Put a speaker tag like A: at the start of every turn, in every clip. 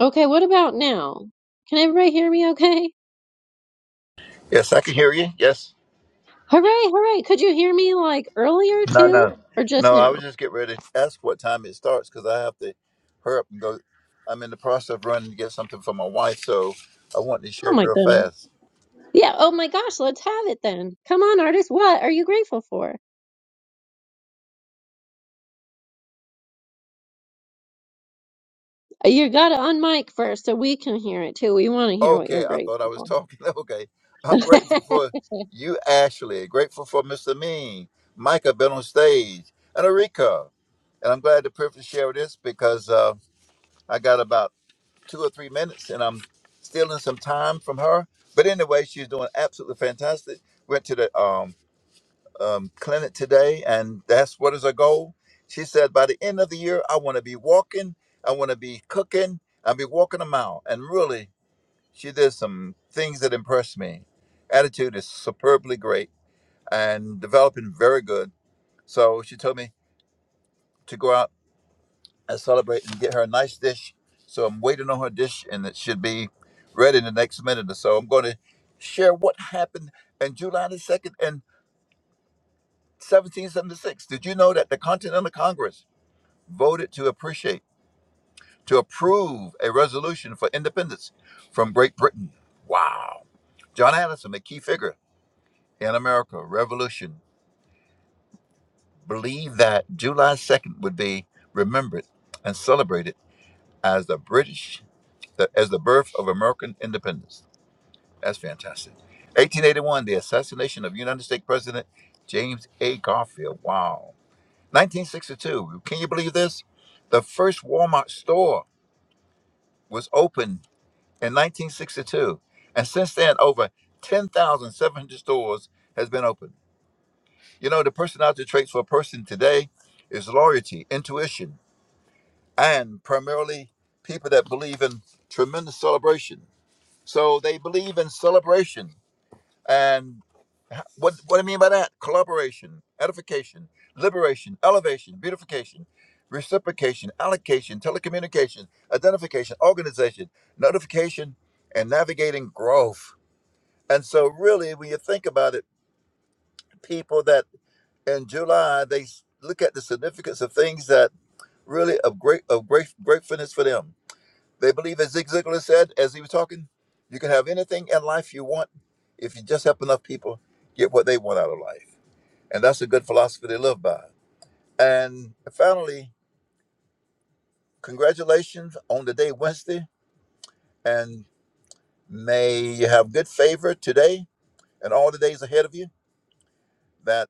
A: Okay, what about now? Can everybody hear me okay?
B: Yes, I can hear you. Yes.
A: Hooray, hooray. Could you hear me like earlier
B: No,
A: too?
B: no.
A: Or just
B: No, I
A: now?
B: was just getting ready to ask what time it starts because I have to hurry up and go. I'm in the process of running to get something for my wife, so I want to
A: Oh
B: share
A: my
B: real
A: goodness.
B: fast.
A: Yeah, oh my gosh, let's have it then. Come on, artist, what are you grateful for? Uh, You gotta unmic first so we can hear it too. We wanna hear what
B: Okay,
A: you're
B: I thought
A: grateful
B: I was
A: for.
B: talking. Okay. I'm grateful for you, Ashley. Grateful for Mr. Mean, Micah been on stage, and Erika. And I'm glad to privilege share this because uh, I got about two or three minutes, and I'm stealing some time from her. But anyway, she's doing absolutely fantastic. Went to the um, um, clinic today, and that's what is her goal. She said, by the end of the year, I want to be walking, I want to be cooking, I'll be walking a mile. And really, she did some things that impressed me. Attitude is superbly great and developing very good. So she told me to go out. and celebrate and get her a nice dish. So I'm waiting on her dish, and it should be ready in the next minute or so. I'm going to share what happened in July the 2nd and 1776. Did you know that the Continental Congress voted to appreciate, to approve a resolution for independence from Great Britain? Wow. John Addison, a key figure in America Revolution, believed that July 2nd would be remembered and celebrated as the British the, as the birth of American independence. That's fantastic. 1881, the assassination of United States President James A. Garfield. Wow. 1962, can you believe this? The first Walmart store was opened in 1962. And since then, over 10,700 stores has been opened. You know, the personality traits for a person today is loyalty, intuition, and primarily people that believe in tremendous celebration. So they believe in celebration And what what I mean by that? Collaboration, edification, liberation, elevation, beautification, reciprocation, allocation, telecommunication, identification, organization, notification, and navigating growth. And so really when you think about it, people that in July they s- look at the significance of things that really of great of great gratefulness for them. They believe as Zig Ziglar said as he was talking, you can have anything in life you want if you just help enough people get what they want out of life. And that's a good philosophy to live by. And finally, congratulations on the day Wednesday. And may you have good favor today and all the days ahead of you, that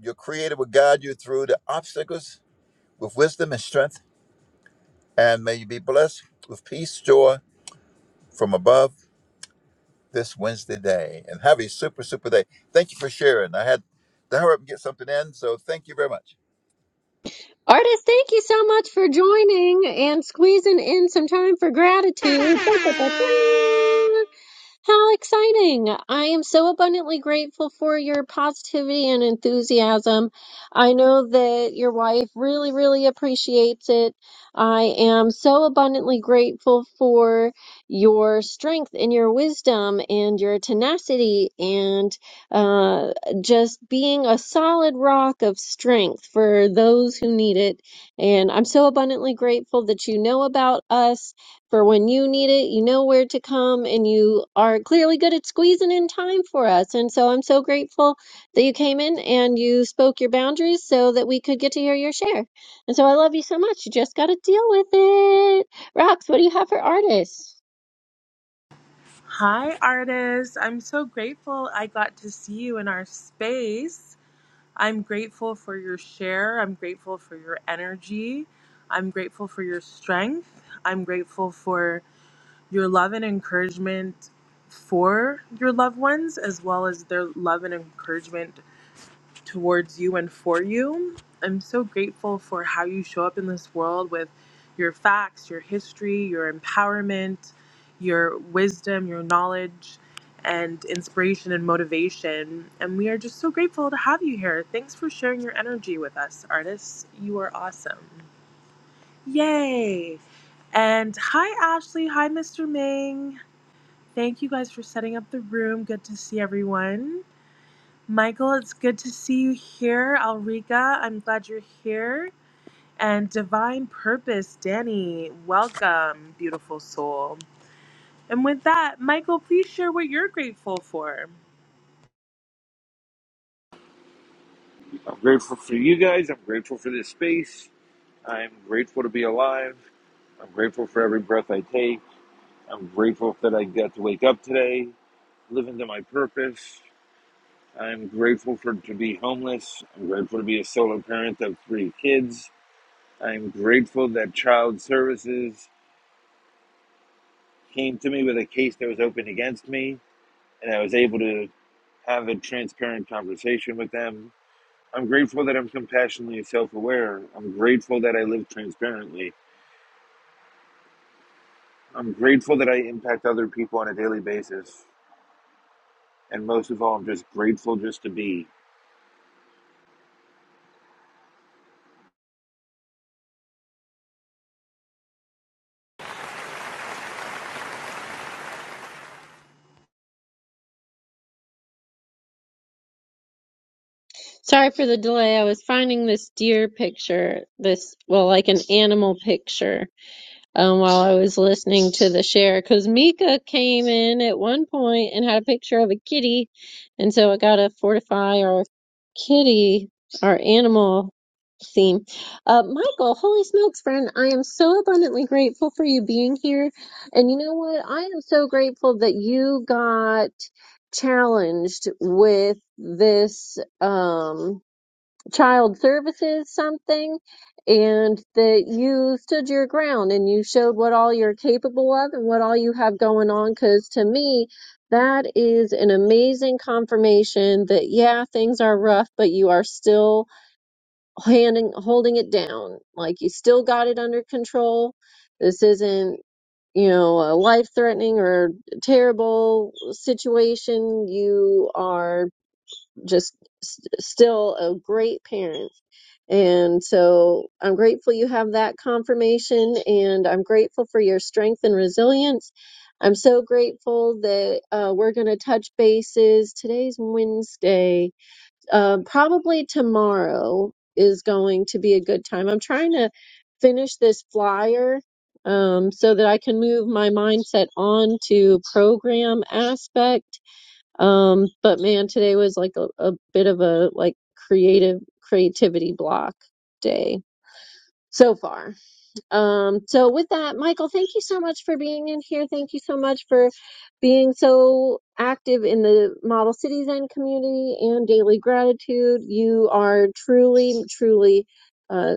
B: your Creator will guide you through the obstacles with wisdom and strength. And may you be blessed with peace, joy from above this Wednesday day. And have a super, super day. Thank you for sharing. I had to hurry up and get something in. So thank you very much.
A: artist, thank you so much for joining and squeezing in some time for gratitude. How exciting! I am so abundantly grateful for your positivity and enthusiasm. I know that your wife really, really appreciates it. I am so abundantly grateful for your strength and your wisdom and your tenacity and uh, just being a solid rock of strength for those who need it. And I'm so abundantly grateful that you know about us for when you need it, you know where to come, and you are clearly good at squeezing in time for us. And so I'm so grateful that you came in and you spoke your boundaries so that we could get to hear your share. And so I love you so much. You just got to deal with it. Rox, what do you have for artists?
C: Hi, artist. I'm so grateful I got to see you in our space. I'm grateful for your share. I'm grateful for your energy. I'm grateful for your strength. I'm grateful for your love and encouragement for your loved ones, as well as their love and encouragement towards you and for you. I'm so grateful for how you show up in this world with your facts, your history, your empowerment, your wisdom, your knowledge, and inspiration and motivation. And we are just so grateful to have you here. Thanks for sharing your energy with us, artists. You are awesome. Yay! And hi, Ashley. Hi, Mr. Ming. Thank you guys for setting up the room. Good to see everyone. Michael, it's good to see you here. Alrika, I'm glad you're here. And Divine Purpose, Danny, welcome, beautiful soul. And with that, Michael, please share what you're grateful for.
D: I'm grateful for you guys. I'm grateful for this space. I'm grateful to be alive. I'm grateful for every breath I take. I'm grateful that I got to wake up today, live into my purpose. I'm grateful for to be homeless. I'm grateful to be a solo parent of three kids. I'm grateful that child services came to me with a case that was open against me and I was able to have a transparent conversation with them I'm grateful that I'm compassionately self aware. I'm grateful that I live transparently. I'm grateful that I impact other people on a daily basis. And most of all, I'm just grateful just to be.
A: Sorry for the delay. I was finding this deer picture, this, well, like an animal picture um, while I was listening to the share because Mika came in at one point and had a picture of a kitty, and so I got to fortify our kitty, our animal theme. Uh, Michael, holy smokes, friend! I am so abundantly grateful for you being here, and you know what? I am so grateful that you got challenged with this. Um, child services something and that you stood your ground and you showed what all you're capable of and what all you have going on because to me that is an amazing confirmation that yeah things are rough but you are still handing holding it down like you still got it under control this isn't you know a life threatening or terrible situation you are just st- still a great parent. And so I'm grateful you have that confirmation, and I'm grateful for your strength and resilience. I'm so grateful that uh, we're going to touch bases. Today's Wednesday. Uh, probably tomorrow is going to be a good time. I'm trying to finish this flyer um, so that I can move my mindset on to program aspect um, but man, today was like a, a bit of a like creative creativity block day so far. Um, so with that, Michael, thank you so much for being in here. Thank you so much for being so active in the Model Cities End community and daily gratitude. You are truly, truly uh,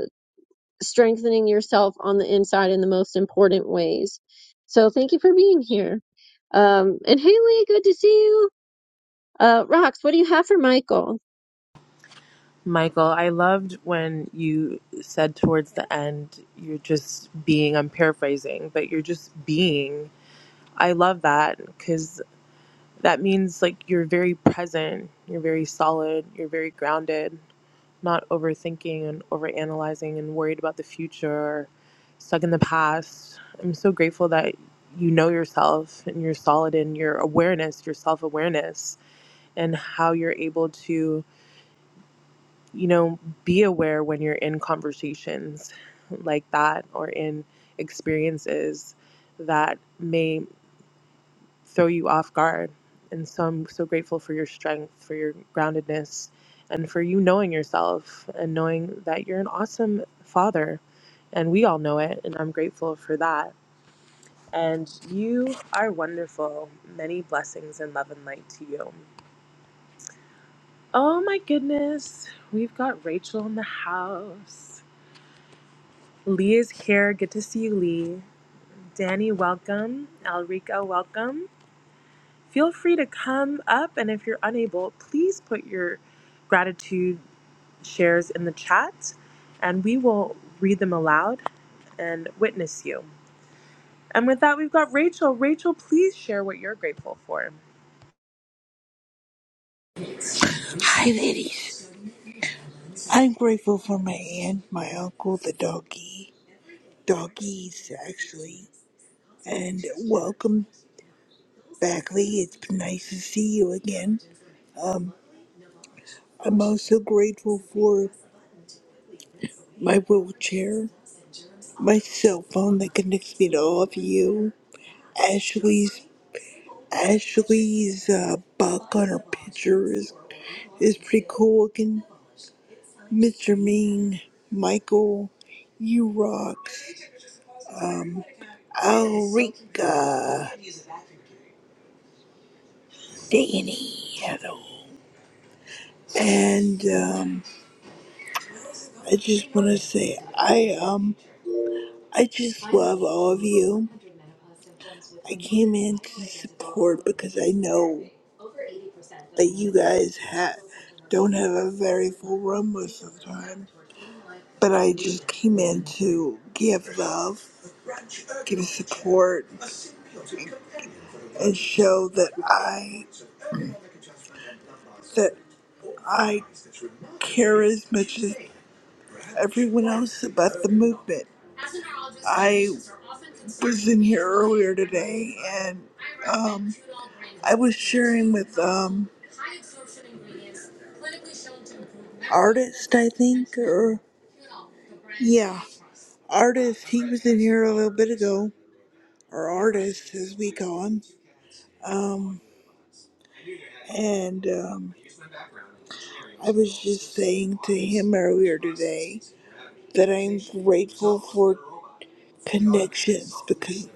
A: strengthening yourself on the inside in the most important ways. So thank you for being here. Um, and Haley, good to see you. Uh, Rox, what do you have for Michael?
C: Michael, I loved when you said towards the end, you're just being, I'm paraphrasing, but you're just being. I love that because that means like you're very present, you're very solid, you're very grounded. not overthinking and overanalyzing and worried about the future or stuck in the past. I'm so grateful that you know yourself and you're solid in your awareness, your self awareness, and how you're able to, you know, be aware when you're in conversations like that or in experiences that may throw you off guard. And so I'm so grateful for your strength, for your groundedness, and for you knowing yourself and knowing that you're an awesome father. And we all know it. And I'm grateful for that. And you are wonderful. Many blessings and love and light to you. Oh my goodness. We've got Rachel in the house. Lee is here. Good to see you, Lee. Danny, welcome. Alrika, welcome. feel free to come up. And if you're unable, please put your gratitude shares in the chat and we will read them aloud and witness you. And with that, we've got Rachel. Rachel, please share what you're grateful for.
E: Hi, ladies. I'm grateful for my aunt, my uncle, the doggy, doggies, actually, and welcome back, Lee. It's been nice to see you again. Um, I'm also grateful for my wheelchair, my cell phone that connects me to all of you, Ashley's Ashley's uh, buck on her picture is, is pretty cool looking. Mr. Ming, Michael, you rocks. Um, Ulrika Danny. And um, I just want to say I um I just love all of you. I came in to support because I know that you guys ha- don't have a very full room most of the time. But I just came in to give love, give support, and show that I that I care as much as everyone else about the movement. I was in here earlier today and um, I was sharing with um, artist, I think, or yeah, artist. He was in here a little bit ago, or artist as we call him. Um, and um, I was just saying to him earlier today that I'm grateful for. connections because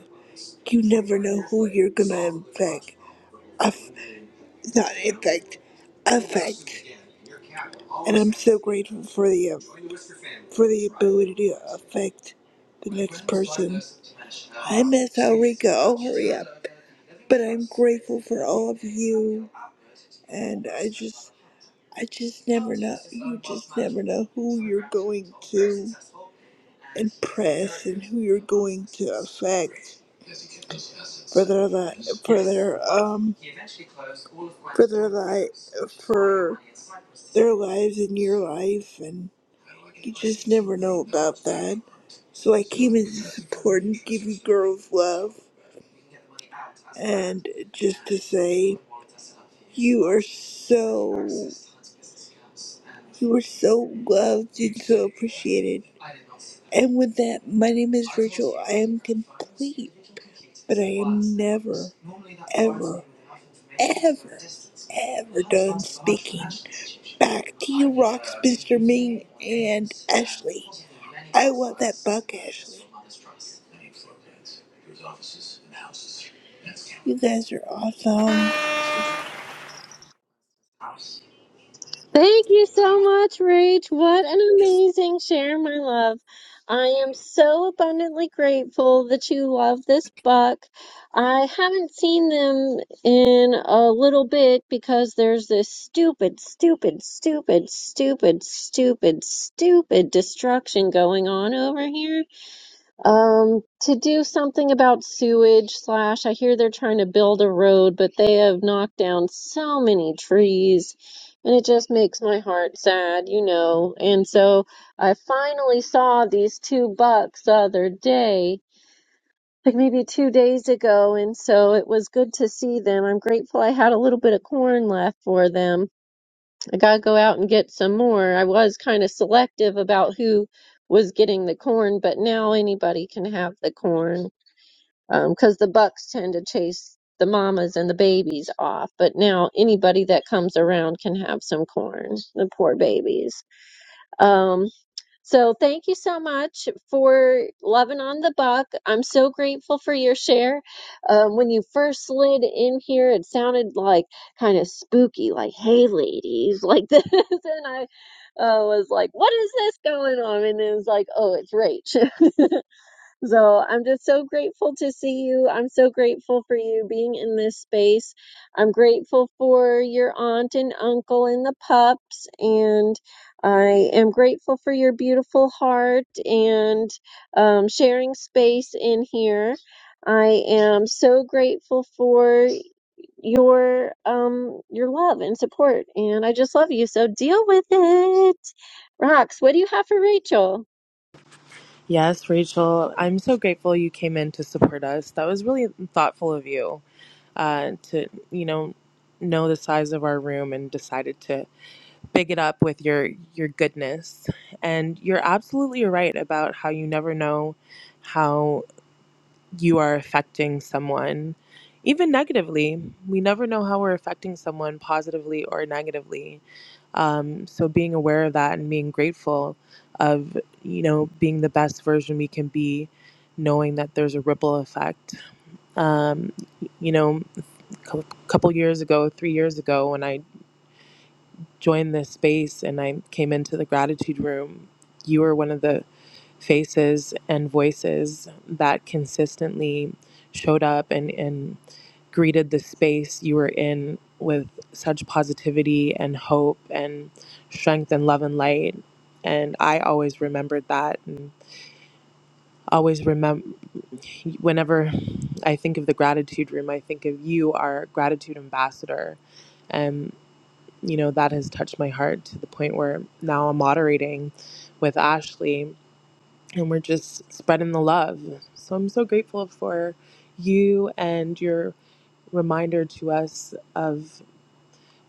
E: you never know who you're gonna infect. I not infect, affect. And I'm so grateful for the uh, for the ability to affect the next person. I miss Ulrika. Oh, hurry up! But I'm grateful for all of you, and I just, I just never know. You just never know who you're going to impress and who you're going to affect for their li- for their um for their life for their lives and your life and you just never know about that. So I came in to support and give you girls love and just to say you are so you are so loved and so appreciated and with that, my name is Rachel. I am complete, but I am never, ever, ever, ever done speaking. Back to you, Rocks, Mr. Ming, and Ashley. I want that buck, Ashley. You guys are awesome.
A: Thank you so much, Rach. What an amazing share, my love. I am so abundantly grateful that you love this book. I haven't seen them in a little bit because there's this stupid, stupid, stupid, stupid, stupid, stupid destruction going on over here Um, to do something about sewage slash, I hear they're trying to build a road, but they have knocked down so many trees, and it just makes my heart sad, you know. And so I finally saw these two bucks the other day, like maybe two days ago, and so it was good to see them. I'm grateful I had a little bit of corn left for them. I gotta go out and get some more. I was kind of selective about who was getting the corn, but now anybody can have the corn because the bucks tend to chase the mamas and the babies off. But now anybody that comes around can have some corn, the poor babies. Um, so thank you so much for loving on the buck. I'm so grateful for your share. Um, when you first slid in here, it sounded like kind of spooky, like, hey, ladies, like this. And I uh, was like, what is this going on? And it was like, oh, it's Rach. So I'm just so grateful to see you. I'm so grateful for you being in this space. I'm grateful for your aunt and uncle and the pups. And I am grateful for your beautiful heart and um, sharing space in here. I am so grateful for your um your love and support and I just love you so deal with it. Rox, what do you have for Rachel?
C: Yes, Rachel, I'm so grateful you came in to support us. That was really thoughtful of you uh, to, you know, know the size of our room and decided to big it up with your your goodness and you're absolutely right about how you never know how you are affecting someone even negatively we never know how we're affecting someone positively or negatively um, so being aware of that and being grateful of you know being the best version we can be knowing that there's a ripple effect um, you know a couple years ago three years ago when i joined this space and I came into the gratitude room, you were one of the faces and voices that consistently showed up and, and greeted the space you were in with such positivity and hope and strength and love and light. And I always remembered that and always remember whenever I think of the gratitude room, I think of you, our gratitude ambassador you know, that has touched my heart to the point where now I'm moderating with Ashley and we're just spreading the love. So I'm so grateful for you and your reminder to us of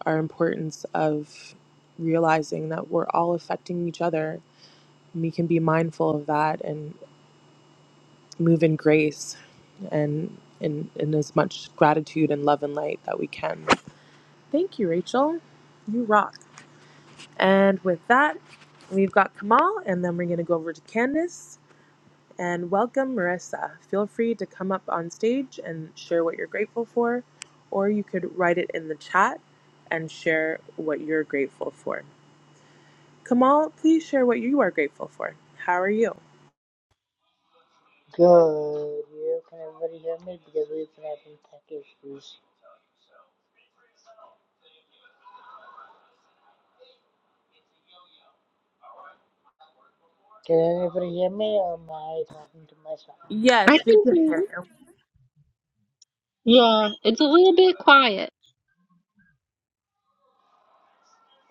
C: our importance of realizing that we're all affecting each other. We can be mindful of that and move in grace and in, in as much gratitude and love and light that we can. Thank you, Rachel. You rock. And with that, we've got Kamal, and then we're going to go over to Candice. And welcome, Marissa. Feel free to come up on stage and share what you're grateful for, or you could write it in the chat and share what you're grateful for. Kamal, please share what you are grateful for. How are you?
F: Good. Yeah, can everybody hear me? Because we've been having tech issues. Can anybody hear me or am I talking to myself?
A: I
C: Yes, we
A: Thank
C: can
A: you.
C: hear
A: Yeah, it's a little bit quiet.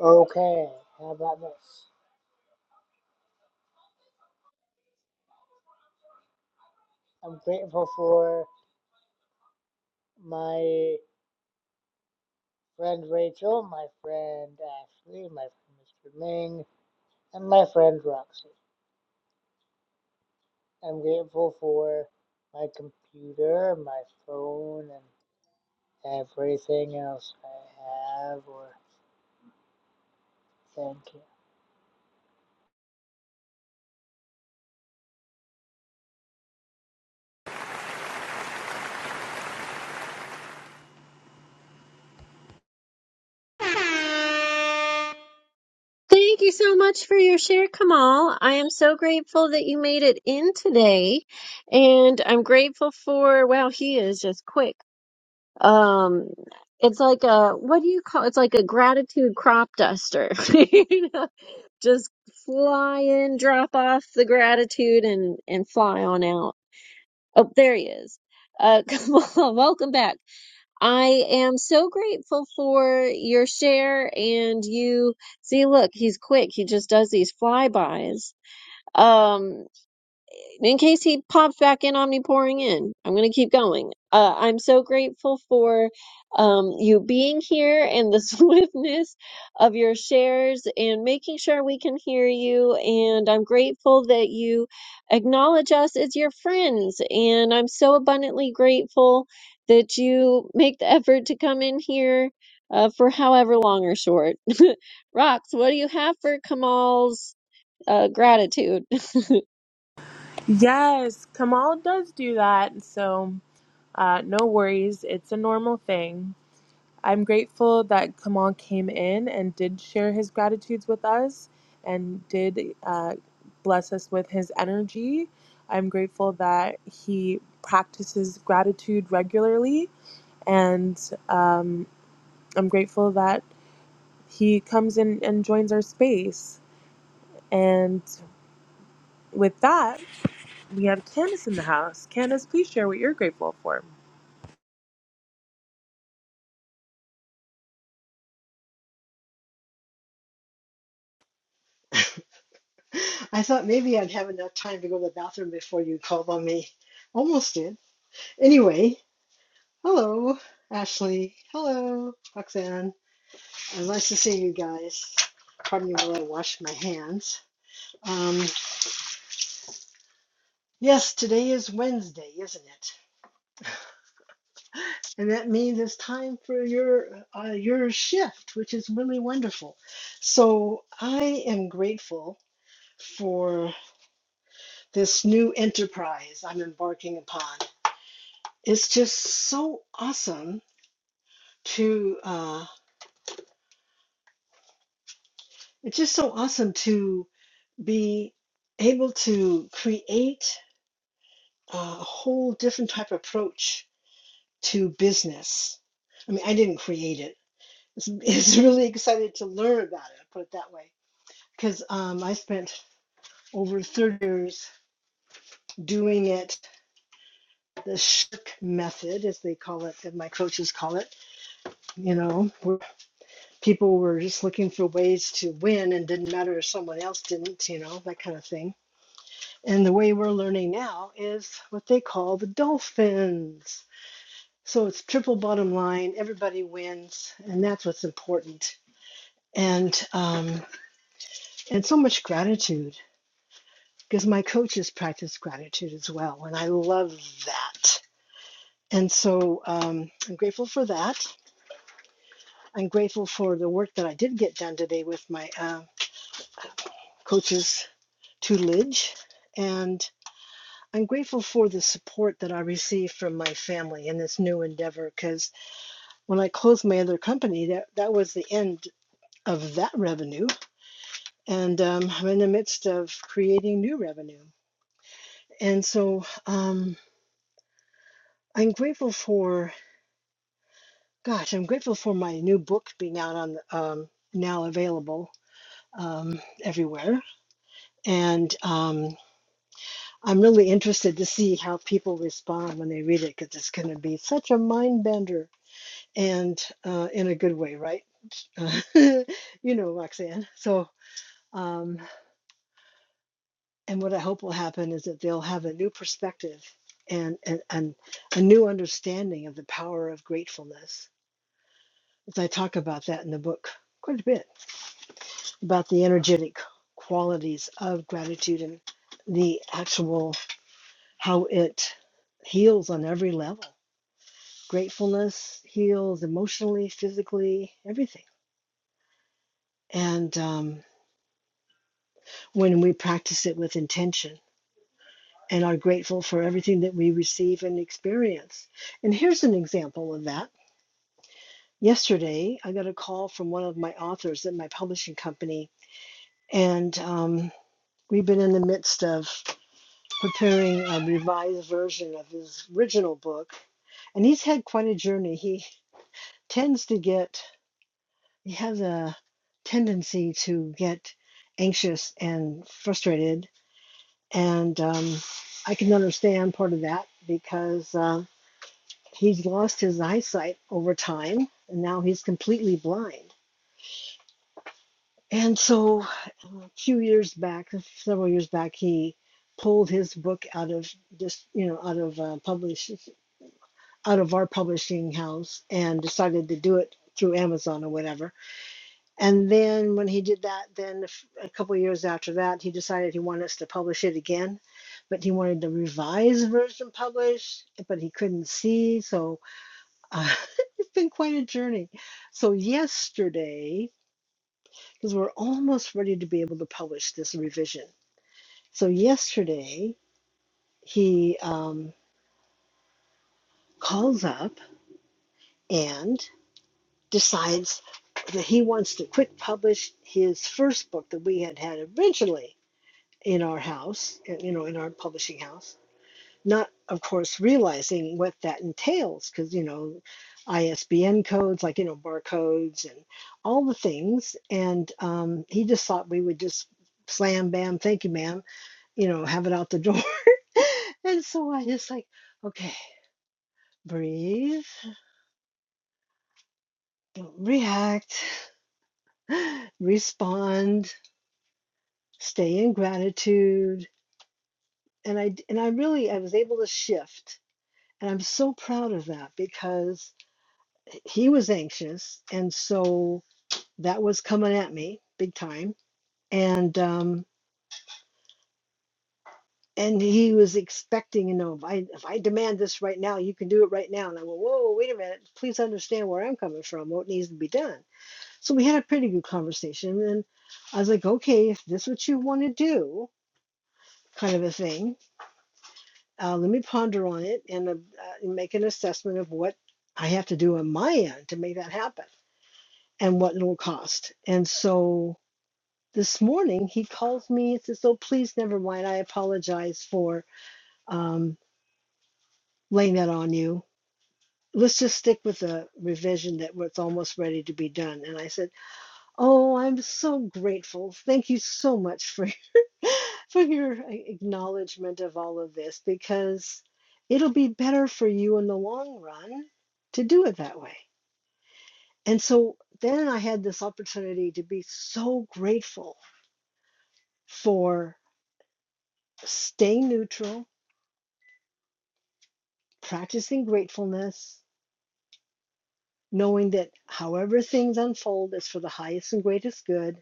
F: Okay, how about this? I'm grateful for my friend Rachel, my friend Ashley, my friend Mr. Ming, and my friend Roxy. I'm grateful for my computer, my phone, and everything else I have or think.
A: Thank you so much for your share, Kamal. I am so grateful that you made it in today. And I'm grateful for, wow, he is just quick. Um, it's like a, what do you call, it's like a gratitude crop duster. You know, Just fly in, drop off the gratitude and, and fly on out. Oh, there he is. Uh, Kamal, welcome back. I am so grateful for your share and you see, look, he's quick. He just does these flybys. Um, in case he pops back in on me pouring in, I'm going to keep going. Uh, I'm so grateful for um, you being here and the swiftness of your shares and making sure we can hear you. And I'm grateful that you acknowledge us as your friends. And I'm so abundantly grateful that you make the effort to come in here uh, for however long or short. Rox, what do you have for Kamal's uh, gratitude?
C: you. Yes, Kamal does do that, so uh, no worries. It's a normal thing. I'm grateful that Kamal came in and did share his gratitudes with us and did uh, bless us with his energy. I'm grateful that he practices gratitude regularly, and um, I'm grateful that he comes in and joins our space. And with that, we have Candace in the house. Candace, please share what you're grateful for.
G: I thought maybe I'd have enough time to go to the bathroom before you called on me. Almost did. Anyway, hello, Ashley. Hello, Roxanne. Uh, nice to see you guys. Pardon me while I wash my hands. Um, yes, today is Wednesday, isn't it? And that means it's time for your uh, your shift, which is really wonderful. So I am grateful for this new enterprise I'm embarking upon. it's just so awesome to uh, it's just so awesome to be able to create a whole different type of approach to business i mean i didn't create it it's, it's really excited to learn about it put it that way because um, i spent over 30 years doing it the shirk method as they call it that my coaches call it you know people were just looking for ways to win and didn't matter if someone else didn't, you know, that kind of thing. And the way we're learning now is what they call the dolphins. So it's triple bottom line, everybody wins, and that's what's important. And um, and so much gratitude because my coaches practice gratitude as well, and I love that. And so um, I'm grateful for that. I'm grateful for the work that I did get done today with my uh, coaches tutelage. And I'm grateful for the support that I receive from my family in this new endeavor because when I closed my other company, that, that was the end of that revenue. And um, I'm in the midst of creating new revenue. And so um, I'm grateful for, gosh, I'm grateful for my new book being out on, um, now available um, everywhere. And um, I'm really interested to see how people respond when they read it because it's going to be such a mind bender and uh, in a good way, right? Uh, you know, Roxanne. So, um, and what I hope will happen is that they'll have a new perspective and, and, and a new understanding of the power of gratefulness. As I talk about that in the book quite a bit about the energetic qualities of gratitude and the actual how it heals on every level Gratefulness heals emotionally, physically, everything. And um, when we practice it with intention and are grateful for everything that we receive and experience. And here's an example of that. Yesterday, I got a call from one of my authors at my publishing company, and um, we've been in the midst of preparing a revised version of his original book. And he's had quite a journey. He tends to get you have the tendency to get anxious and frustrated. And um, I can understand part of that because uh, he's lost his eyesight over time and now he's completely blind. And so a few years back, several years back, he pulled his book out of just, you know, out of uh, publish, out of our publishing house and decided to do it through Amazon or whatever And then when he did that, then a f- a couple of years after that, he decided he wanted us to publish it again, but he wanted the revised version published, but he couldn't see. So uh, it's been quite a journey. So yesterday, because we're almost ready to be able to publish this revision. So yesterday, he um, calls up and decides that he wants to quick publish his first book that we had had originally in our house, you know, in our publishing house. Not, of course, realizing what that entails, because, you know, ISBN codes, like, you know, barcodes and all the things. And um, he just thought we would just slam, bam, thank you, ma'am, you know, have it out the door. and so I just like, okay, breathe, don't react, respond, stay in gratitude. And I and I really, I was able to shift And I'm so proud of that because he was anxious. And so that was coming at me big time. And, um, and he was expecting, you know, if I, if I demand this right now, you can do it right now. And I went, whoa, wait a minute. Please understand where I'm coming from, what needs to be done. So we had a pretty good conversation. And I was like, okay, if this is what you want to do, kind of a thing, uh, let me ponder on it and uh, uh, make an assessment of what I have to do on my end to make that happen and what it'll cost. And so this morning he calls me and says, "Oh, please, never mind. I apologize for um, laying that on you. Let's just stick with the revision that was almost ready to be done." And I said, "Oh, I'm so grateful. Thank you so much for your, for your acknowledgement of all of this because it'll be better for you in the long run to do it that way." And so then I had this opportunity to be so grateful for staying neutral, practicing gratefulness, knowing that however things unfold is for the highest and greatest good,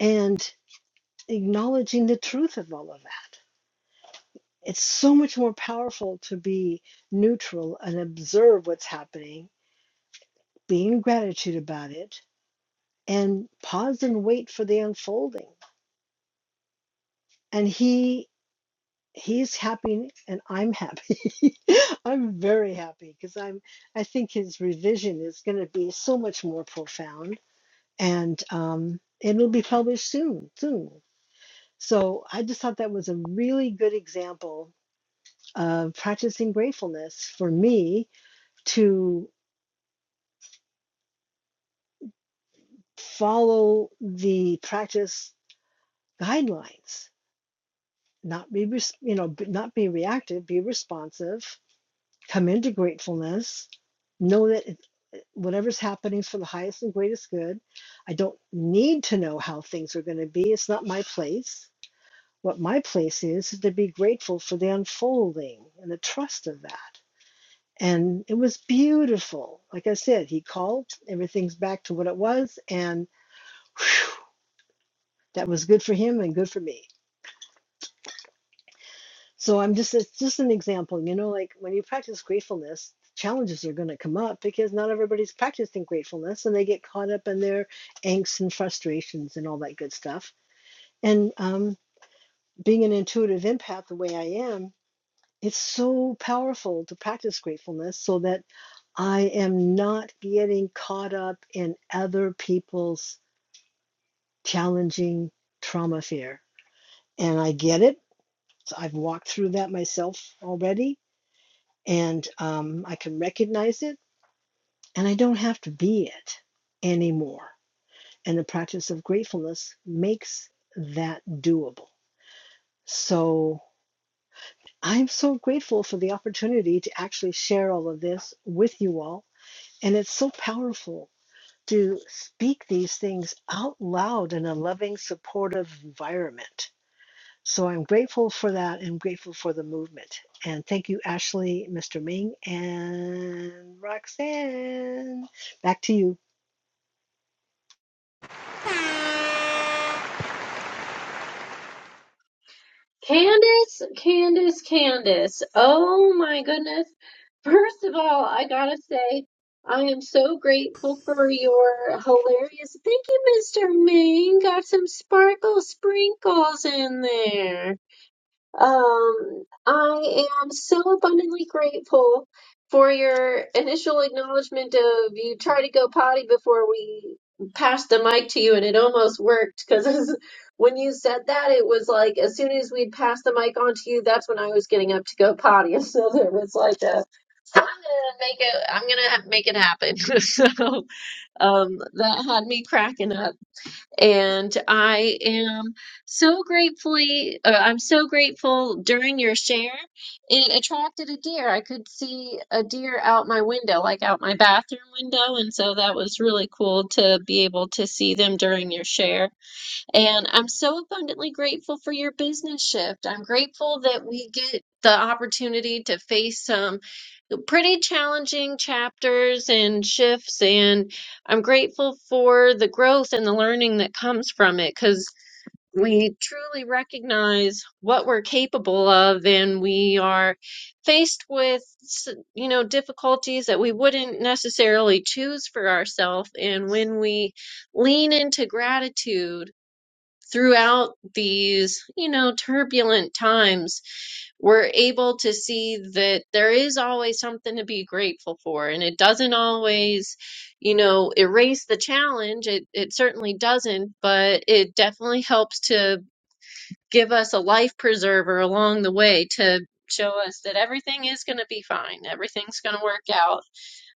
G: and acknowledging the truth of all of that. It's so much more powerful to be neutral and observe what's happening, be in gratitude about it, and pause and wait for the unfolding. And he he's happy and I'm happy. I'm very happy because I'm I think his revision is going to be so much more profound and um, it'll be published soon, soon. So I just thought that was a really good example of practicing gratefulness for me to follow the practice guidelines, not be you know not be reactive, be responsive come into gratefulness, know that it, whatever's happening is for the highest and greatest good. I don't need to know how things are going to be. It's not my place. What my place is is to be grateful for the unfolding and the trust of that. And it was beautiful. Like I said, he called, everything's back to what it was, and whew, that was good for him and good for me. So I'm just it's just an example, you know, like when you practice gratefulness, challenges are going to come up because not everybody's practicing gratefulness and they get caught up in their angst and frustrations and all that good stuff. And um, being an intuitive empath the way I am, it's so powerful to practice gratefulness so that I am not getting caught up in other people's challenging trauma fear. And I get it. I've walked through that myself already and um, I can recognize it, and I don't have to be it anymore. And the practice of gratefulness makes that doable. So I'm so grateful for the opportunity to actually share all of this with you all. And it's so powerful to speak these things out loud in a loving, supportive environment So I'm grateful for that and grateful for the movement. And thank you, Ashley, Mr. Ming, and Roxanne. Back to you.
A: Candace, Candace, Candace. Oh my goodness. First of all, I gotta say, I am so grateful for your hilarious. Thank you, Mr. Ming. Got some sparkle sprinkles in there. Um, I am so abundantly grateful for your initial acknowledgement of you tried to go potty before we passed the mic to you, and it almost worked because when you said that, it was like as soon as we'd passed the mic on to you, that's when I was getting up to go potty, and so there was like a I'm gonna make it. I'm gonna ha- make it happen. so, um, that had me cracking up. And I am so gratefully, uh, I'm so grateful during your share, it attracted a deer. I could see a deer out my window, like out my bathroom window. And so that was really cool to be able to see them during your share. And I'm so abundantly grateful for your business shift. I'm grateful that we get the opportunity to face some pretty challenging chapters and shifts. And I'm grateful for the growth and the learning that comes from it because we truly recognize what we're capable of and we are faced with s- you know difficulties that we wouldn't necessarily choose for ourselves and when we lean into gratitude throughout these, you know, turbulent times, we're able to see that there is always something to be grateful for. And it doesn't always, you know, erase the challenge. It, it certainly doesn't, but it definitely helps to give us a life preserver along the way to show us that everything is going to be fine, everything's going to work out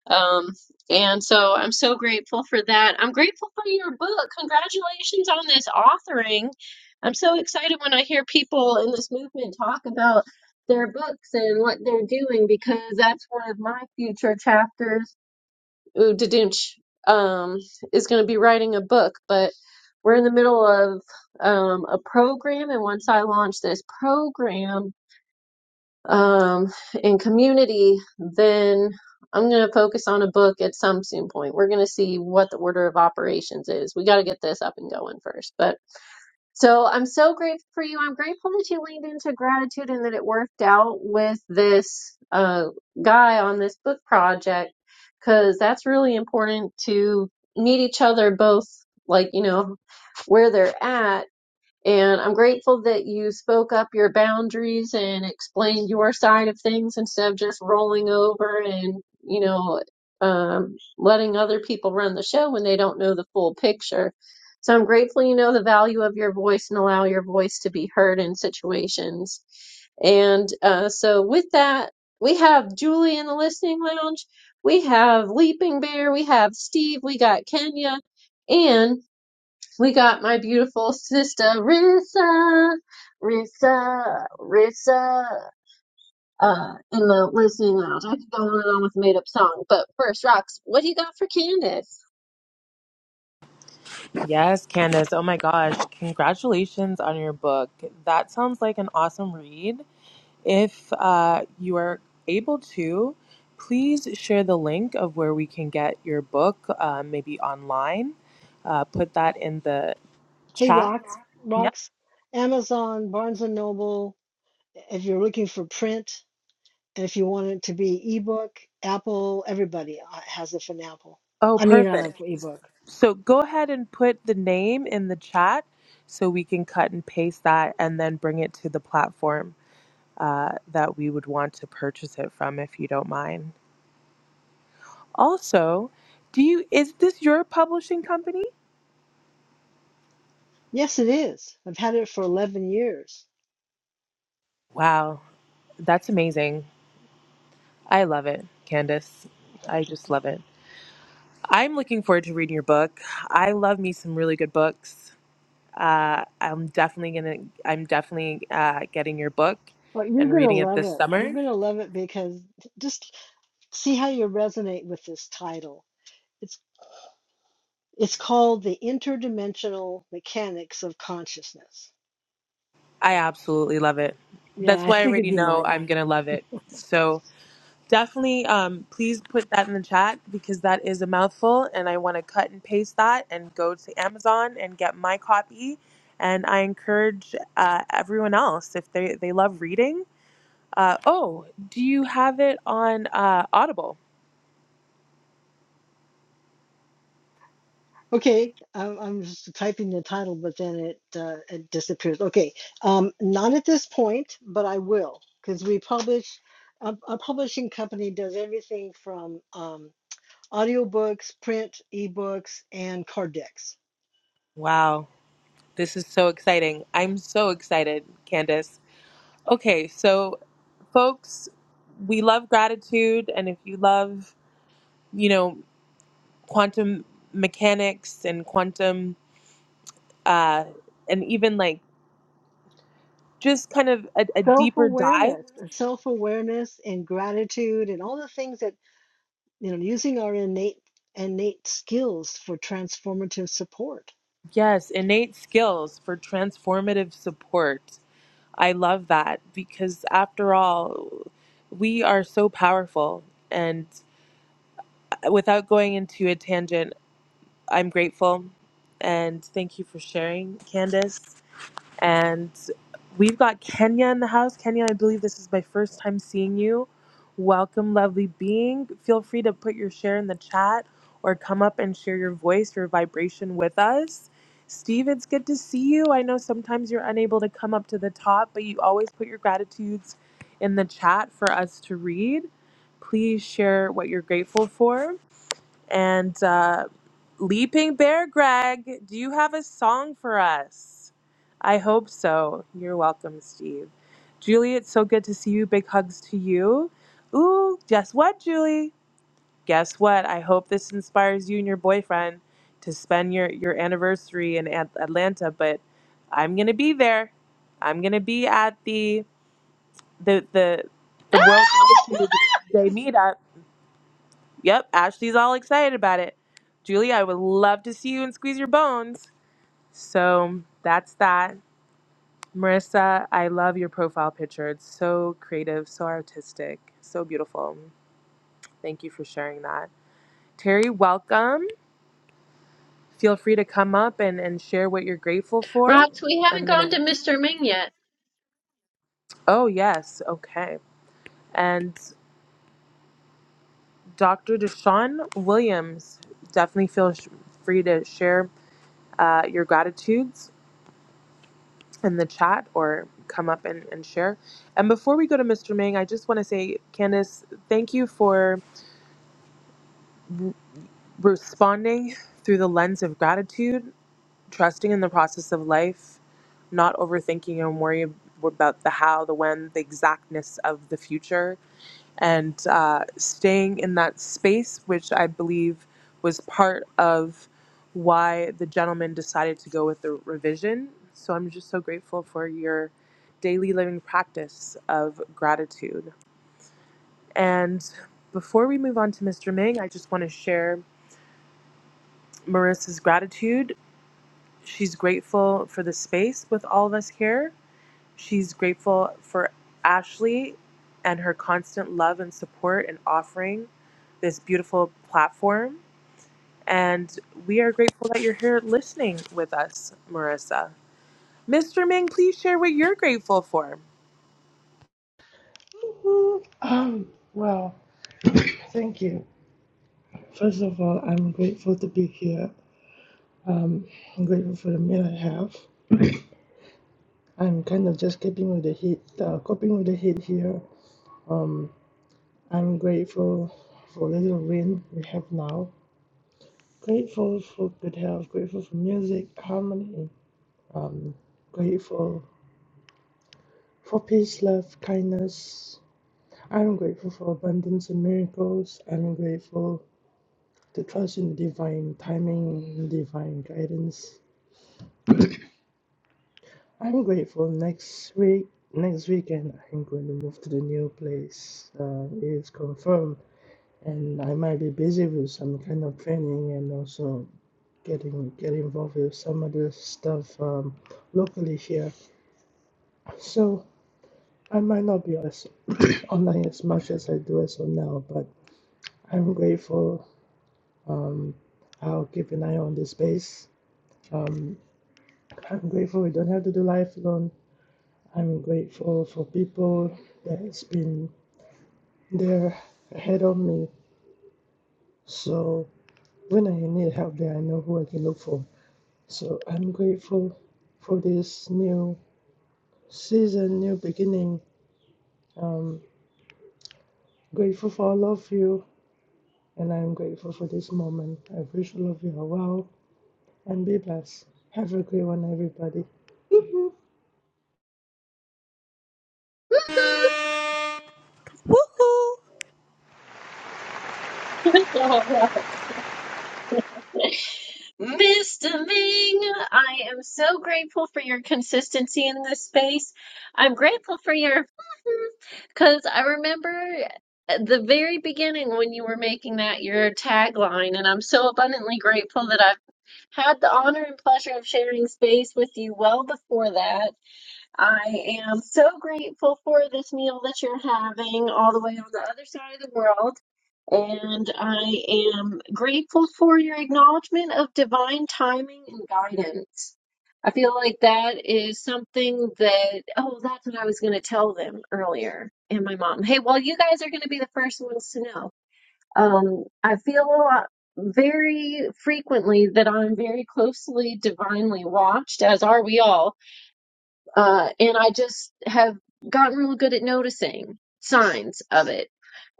A: um, and so I'm so grateful for that. I'm grateful for your book. Congratulations on this authoring. I'm so excited when I hear people in this movement talk about their books and what they're doing because that's one of my future chapters. Ooh, Dadunch, um, is going to be writing a book, but we're in the middle of um, a program. And once I launch this program, um, in community, then I'm going to focus on a book at some soon point. We're going to see what the order of operations is. We got to get this up and going first. But so I'm so grateful for you. I'm grateful that you leaned into gratitude and that it worked out with this uh, guy on this book project because that's really important to meet each other both, like, you know, where they're at and I'm grateful that you spoke up your boundaries and explained your side of things instead of just rolling over and, you know, um, letting other people run the show when they don't know the full picture. So I'm grateful you know the value of your voice and allow your voice to be heard in situations. And uh, so with that, we have Julie in the listening lounge. We have Leaping Bear. We have Steve. We got Kenya. and. We got my beautiful sister Rissa, Rissa, Rissa, uh, in the listening lounge. I could go on and on with a made up song, but first, Rox, what do you got for Candace?
C: Yes, Candace. Oh my gosh. Congratulations on your book. That sounds like an awesome read. If uh, you are able to, please share the link of where we can get your book, uh, maybe online. Uh, put that in the
G: Hey,
C: chat.
G: Rock,
C: Yeah.
G: Rox, Amazon, Barnes and Noble. If you're looking for print, and if you want it to be ebook, Apple, everybody uh, has it for an Apple.
C: Oh,
G: I mean, uh,
C: perfect.
G: for ebook.
C: So go ahead and put the name in the chat so we can cut and paste that and then bring it to the platform uh, that we would want to purchase it from if you don't mind. Also, do you is this your publishing company?
G: Yes, it is. I've had it for 11 years.
C: Wow, that's amazing. I love it, Candace. I just love it. I'm looking forward to reading your book. I love me some really good books. Uh, I'm definitely gonna. I'm definitely uh, getting your book
G: But you're
C: and
G: going to
C: reading it
G: love
C: this
G: it. You're
C: summer.
G: going to love it because just see how you resonate with this title It's It's called the interdimensional mechanics of consciousness.
C: I absolutely love it.
G: Yeah,
C: That's
G: I
C: why I
G: figured
C: already
G: you
C: know
G: might.
C: I'm gonna love it. So definitely, um, please put that in the chat because that is a mouthful, and I want to cut and paste that and go to Amazon and get my copy. And I encourage uh, everyone else if they they love reading Uh, oh, do you have it on uh, Audible?
G: Okay, I'm, I'm just typing the title, but then it uh, it disappears. Okay, um, not at this point, but I will because we publish. A, a publishing company does everything from um, audiobooks, print, ebooks, and card decks.
C: Wow, this is so exciting. I'm so excited, Candace. Okay, so folks, we love gratitude, and if you love, you know, quantum mechanics and quantum, uh, and even like just kind of a, a
G: Self
C: deeper dive,
G: awareness, self awareness, and gratitude, and all the things that you know, using our innate innate skills for transformative support.
C: yes, innate skills for transformative support. I love that because after all, we are so powerful. And without going into a tangent, I'm grateful and thank you for sharing, Candace. And we've got Kenya in the house. Kenya, I believe this is my first time seeing you. Welcome, lovely being. Feel free to put your share in the chat or come up and share your voice, your vibration with us. Steve, it's good to see you. I know sometimes you're unable to come up to the top, but you always put your gratitudes in the chat for us to read. Please share what you're grateful for. And uh, Leaping Bear Greg, do you have a song for us? I hope so. You're welcome, Steve. Julie, it's so good to see you. Big hugs to you. Ooh, guess what, Julie? Guess what? I hope this inspires you and your boyfriend to spend your, your anniversary in At- Atlanta, but I'm going to be there. I'm going to be at the the the
A: Ah!
C: the World Gratitude Day meetup Yep, Ashley's all excited about it. Julie, I would love to see you and squeeze your bones. So that's that. Marissa, I love your profile picture. It's so creative, so artistic, so beautiful. Thank you for sharing that. Terry, welcome. Feel free to come up and, and share what you're grateful for.
A: Rox, we
C: I'm
A: haven't
C: going to.
A: gone to Mr. Ming yet.
C: Oh, yes. Okay. And Dr. Deshaun Williams, definitely feel sh- free to share uh, your gratitudes in the chat or come up and, and share. And before we go to Mr. Ming, I just want to say, Candice, thank you for r- responding through the lens of gratitude, trusting in the process of life, not overthinking and worrying about the how, the when, the exactness of the future and uh, staying in that space, which I believe was part of why the gentleman decided to go with the revision. So I'm just so grateful for your daily living practice of gratitude. And before we move on to Mr. Ming, I just want to share Marissa's gratitude. She's grateful for the space with all of us here She's grateful for Ashley and her constant love and support and offering this beautiful platform. And we are grateful that you're here listening with us, Marissa. Mr. Ming, please share what you're grateful for.
H: Um, well, thank you. First of all, I'm grateful to be here. Um, I'm grateful for the meal I have. I'm kind of just coping with the heat, uh, coping with the heat here. Um, I'm grateful for the little rain we have now. Grateful for good health. Grateful for music, harmony. Um, grateful for peace, love, kindness. I'm grateful for abundance and miracles. I'm grateful to trust in divine timing, divine guidance. I'm grateful next week. Next weekend, I'm going to move to the new place. Uh, it's confirmed, and I might be busy with some kind of training and also getting get involved with some other stuff um, locally here. So I might not be as online as much as I do as of now, but I'm grateful. Um, I'll keep an eye on the space. Um, I'm grateful we don't have to do life alone. I'm grateful for people that's been there ahead of me. So when I need help there I know who I can look for. So I'm grateful for this new season, new beginning. Um grateful for all of you and I'm grateful for this moment. I wish all of you are well and be blessed. Have a great one everybody.
C: Woohoo!
A: Mr. Ming, I am so grateful for your consistency in this space. I'm grateful for your because I remember at the very beginning when you were making that your tagline, and I'm so abundantly grateful that I've had the honor and pleasure of sharing space with you well before that. I am so grateful for this meal that you're having all the way on the other side of the world. And I am grateful for your acknowledgement of divine timing and guidance. I feel like that is something that, oh, that's what I was going to tell them earlier. And my mom, hey, well, you guys are going to be the first ones to know. Um, I feel a lot, very frequently that I'm very closely divinely watched, as are we all. Uh, and I just have gotten real good at noticing signs of it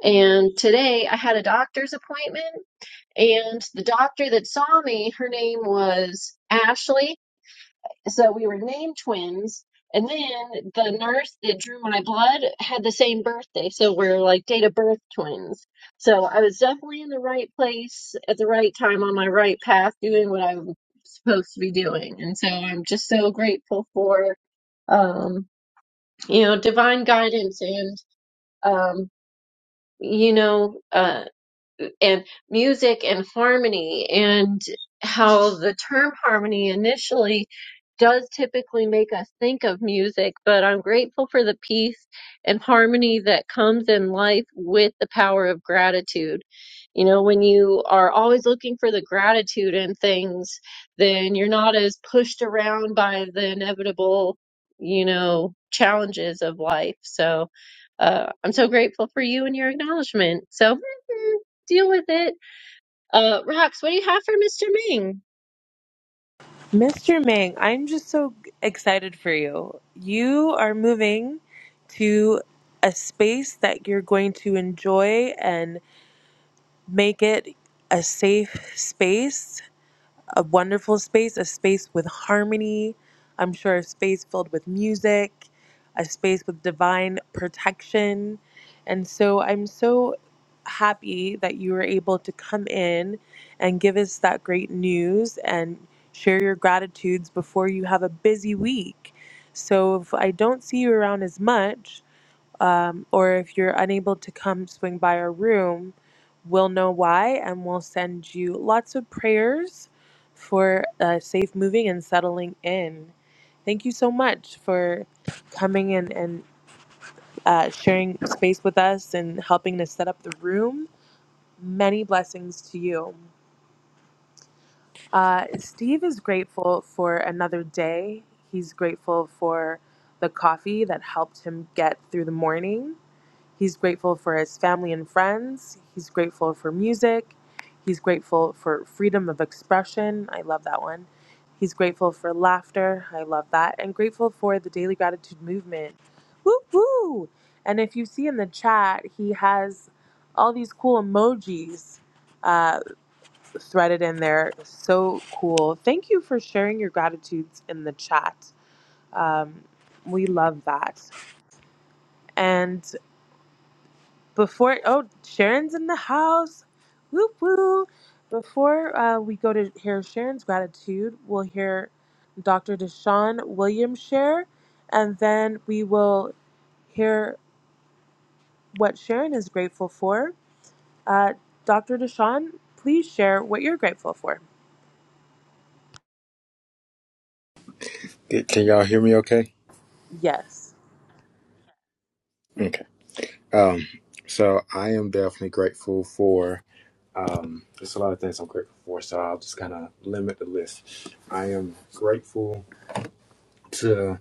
A: and today I had a doctor's appointment, and the doctor that saw me, her name was Ashley. So we were named twins. And then the nurse that drew my blood had the same birthday. So we're like date of birth twins. So I was definitely in the right place at the right time on my right path doing what I'm supposed to be doing. And so I'm just so grateful for, um, you know, divine guidance and, um, you know, uh, and music and harmony and how the term harmony initially does typically make us think of music, but I'm grateful for the peace and harmony that comes in life with the power of gratitude. You know, when you are always looking for the gratitude in things, then you're not as pushed around by the inevitable, you know, challenges of life. So uh, I'm so grateful for you and your acknowledgement. So. deal with it. Uh, Rox, what do you have for Mr.
C: Mr. Ming, I'm just so excited for you. You are moving to a space that you're going to enjoy and make it a safe space a wonderful space, a space with harmony. I'm sure a space filled with music, a space with divine protection. And so I'm so happy that you were able to come in and give us that great news and share your gratitudes before you have a busy week. So if I don't see you around as much, um, or if you're unable to come swing by our room, we'll know why and we'll send you lots of prayers for uh, safe moving and settling in. Thank you so much for coming in and uh, sharing space with us and helping to set up the room. Many blessings to you. Uh, Steve is grateful for another day. He's grateful for the coffee that helped him get through the morning. He's grateful for his family and friends. He's grateful for music. He's grateful for freedom of expression. I love that one. He's grateful for laughter. I love that. And grateful for the daily gratitude movement. Woo woo! And if you see in the chat, he has all these cool emojis uh, threaded in there. So cool. Thank you for sharing your gratitudes in the chat. Um, we love that. and. before oh sharon's in the house whoop whoop before uh, we go to hear sharon's gratitude we'll hear dr deshaun williams share and then we will hear what sharon is grateful for uh, dr deshaun please share what you're grateful for
I: Can y'all hear me okay?
C: yes
I: Okay. Um, so I am definitely grateful for, um, there's a lot of things I'm grateful for, so I'll just kind of limit the list. I am grateful to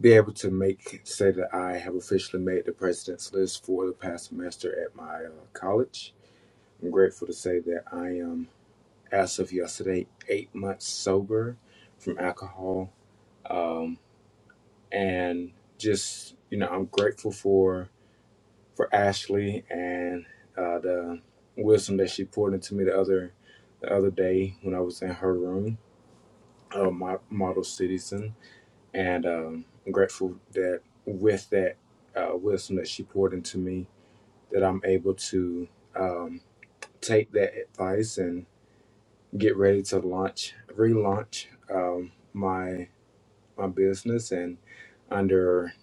I: be able to make, say that I have officially made the president's list for the past semester at my uh, college. I'm grateful to say that I am, as of yesterday, eight months sober from alcohol. Um, and just, you know, I'm grateful for. for Ashley and uh, the wisdom that she poured into me the other the other day when I was in her room, uh, my model citizen, and um, I'm grateful that with that uh, wisdom that she poured into me, that I'm able to um, take that advice and get ready to launch, relaunch um, my my business and under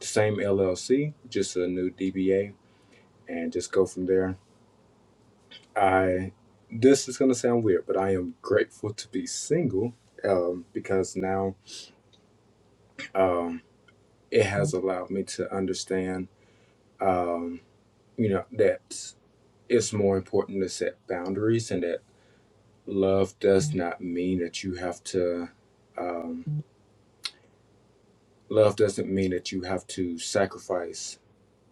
I: the same LLC, just a new DBA, and just go from there I this is gonna sound weird, but I am grateful to be single um, because now um, it has allowed me to understand, um, you know, that it's more important to set boundaries and that love does not mean that you have to. Um, love doesn't mean that you have to sacrifice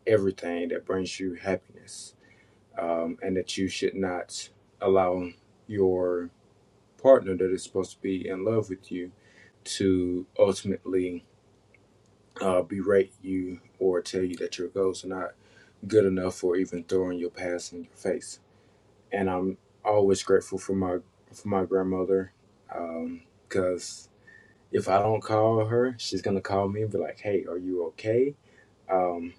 I: everything that brings you happiness, um, and that you should not allow your partner that is supposed to be in love with you to ultimately uh, berate you or tell you that your goals are not good enough or even throwing your past in your face. And I'm always grateful for my for my grandmother because um, if I don't call her, she's gonna call me and be like, "Hey, are you okay?" Um,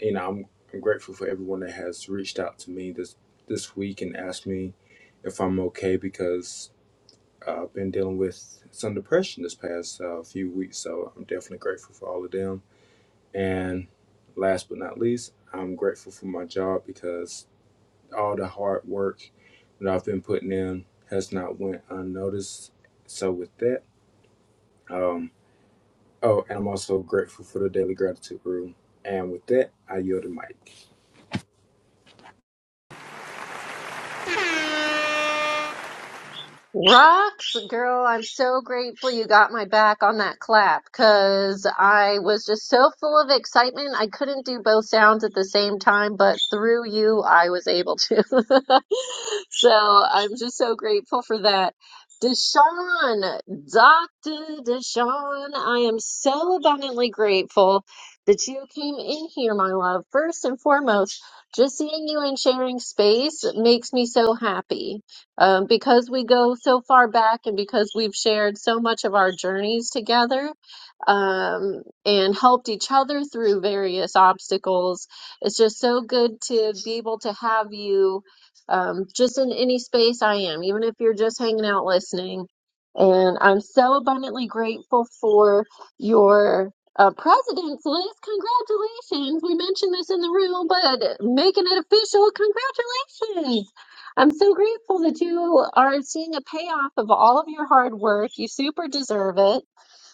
I: you know, I'm, I'm grateful for everyone that has reached out to me this this week and asked me if I'm okay because uh, been dealing with some depression this past uh, few weeks, so I'm definitely grateful for all of them. And last but not least, I'm grateful for my job because all the hard work that I've been putting in has not went unnoticed. So with that, um, oh, and I'm also grateful for the daily gratitude room. And with that, I yield the mic.
A: Ming? Rocks, girl, I'm so grateful you got my back on that clap because I was just so full of excitement. I couldn't do both sounds at the same time, but through you, I was able to. so I'm just so grateful for that. Deshaun, Dr. Deshaun, I am so abundantly grateful that you came in here, my love. First and foremost, just seeing you and sharing space makes me so happy um, because we go so far back and because we've shared so much of our journeys together um, and helped each other through various obstacles, it's just so good to be able to have you um, just in any space I am, even if you're just hanging out listening. And I'm so abundantly grateful for your uh, president's list. Congratulations. We mentioned this in the room, but making it official, congratulations. I'm so grateful that you are seeing a payoff of all of your hard work. You super deserve it.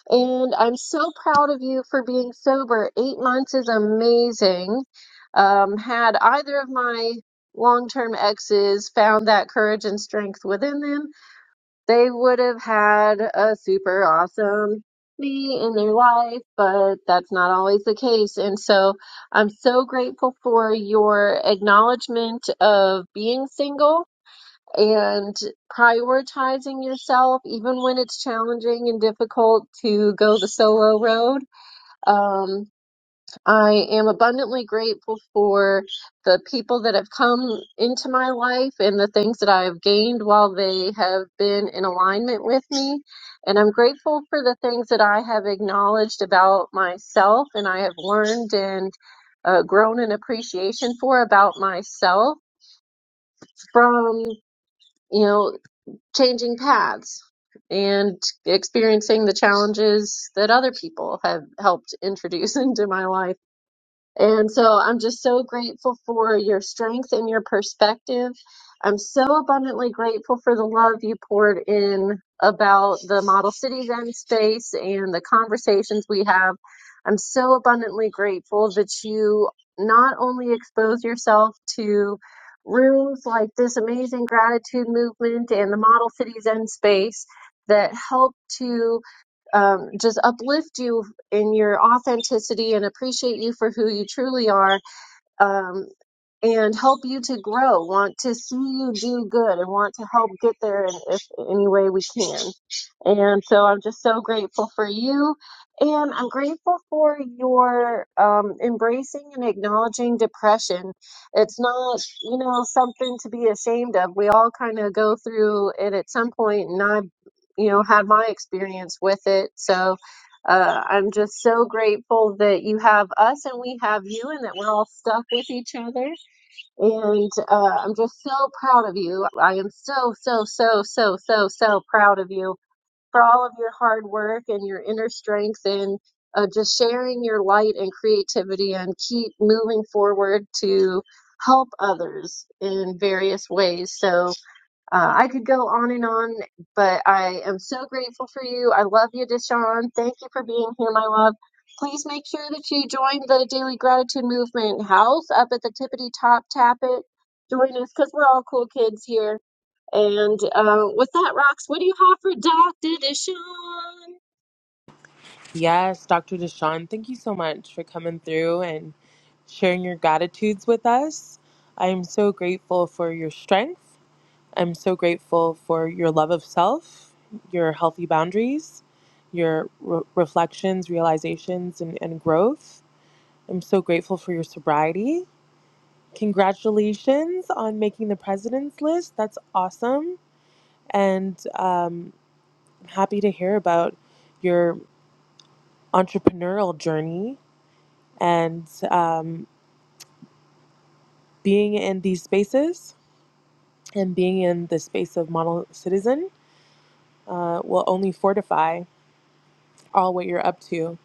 A: And I'm so proud of you for being sober. Eight months is amazing. Um, had either of my long term exes found that courage and strength within them, they would have had a super awesome me in their life, but that's not always the case. And so I'm so grateful for your acknowledgement of being single and prioritizing yourself, even when it's challenging and difficult to go the solo road. Um, I am abundantly grateful for the people that have come into my life and the things that I have gained while they have been in alignment with me. And I'm grateful for the things that I have acknowledged about myself and I have learned and uh, grown an appreciation for about myself from. You know, changing paths and experiencing the challenges that other people have helped introduce into my life. And so I'm just so grateful for your strength and your perspective. I'm so abundantly grateful for the love you poured in about the Model Cities Zen space and the conversations we have. I'm so abundantly grateful that you not only expose yourself to rooms like this amazing gratitude movement and the Model Cities Zen space that help to um, just uplift you in your authenticity and appreciate you for who you truly are. Um, and help you to grow, want to see you do good, and want to help get there in if, in any way we can. And so I'm just so grateful for you. And I'm grateful for your um, embracing and acknowledging depression. It's not, you know, something to be ashamed of. We all kind of go through it at some point, and I've, you know, had my experience with it. So uh, I'm just so grateful that you have us and we have you, and that we're all stuck with each other and uh, I'm just so proud of you. I am so, so, so, so, so, so proud of you for all of your hard work and your inner strength and uh, just sharing your light and creativity and keep moving forward to help others in various ways. So, uh, I could go on and on, but I am so grateful for you. I love you, Deshaun. Thank you for being here, my love. Please make sure that you join the Daily Gratitude Movement house up at the Tippity Top. Tap it. Join us because we're all cool kids here. And uh, with that, Rox, what do you have for Dr. Deshaun?
C: yes dr deshaun thank you so much for coming through and sharing your gratitudes with us i am so grateful for your strength I'm so grateful for your love of self, your healthy boundaries, your re- reflections, realizations, and, and growth. I'm so grateful for your sobriety. Congratulations on making the president's list. That's awesome. And um, happy to hear about your entrepreneurial journey and um, being in these spaces and being in the space of model citizen uh, will only fortify all what you're up to.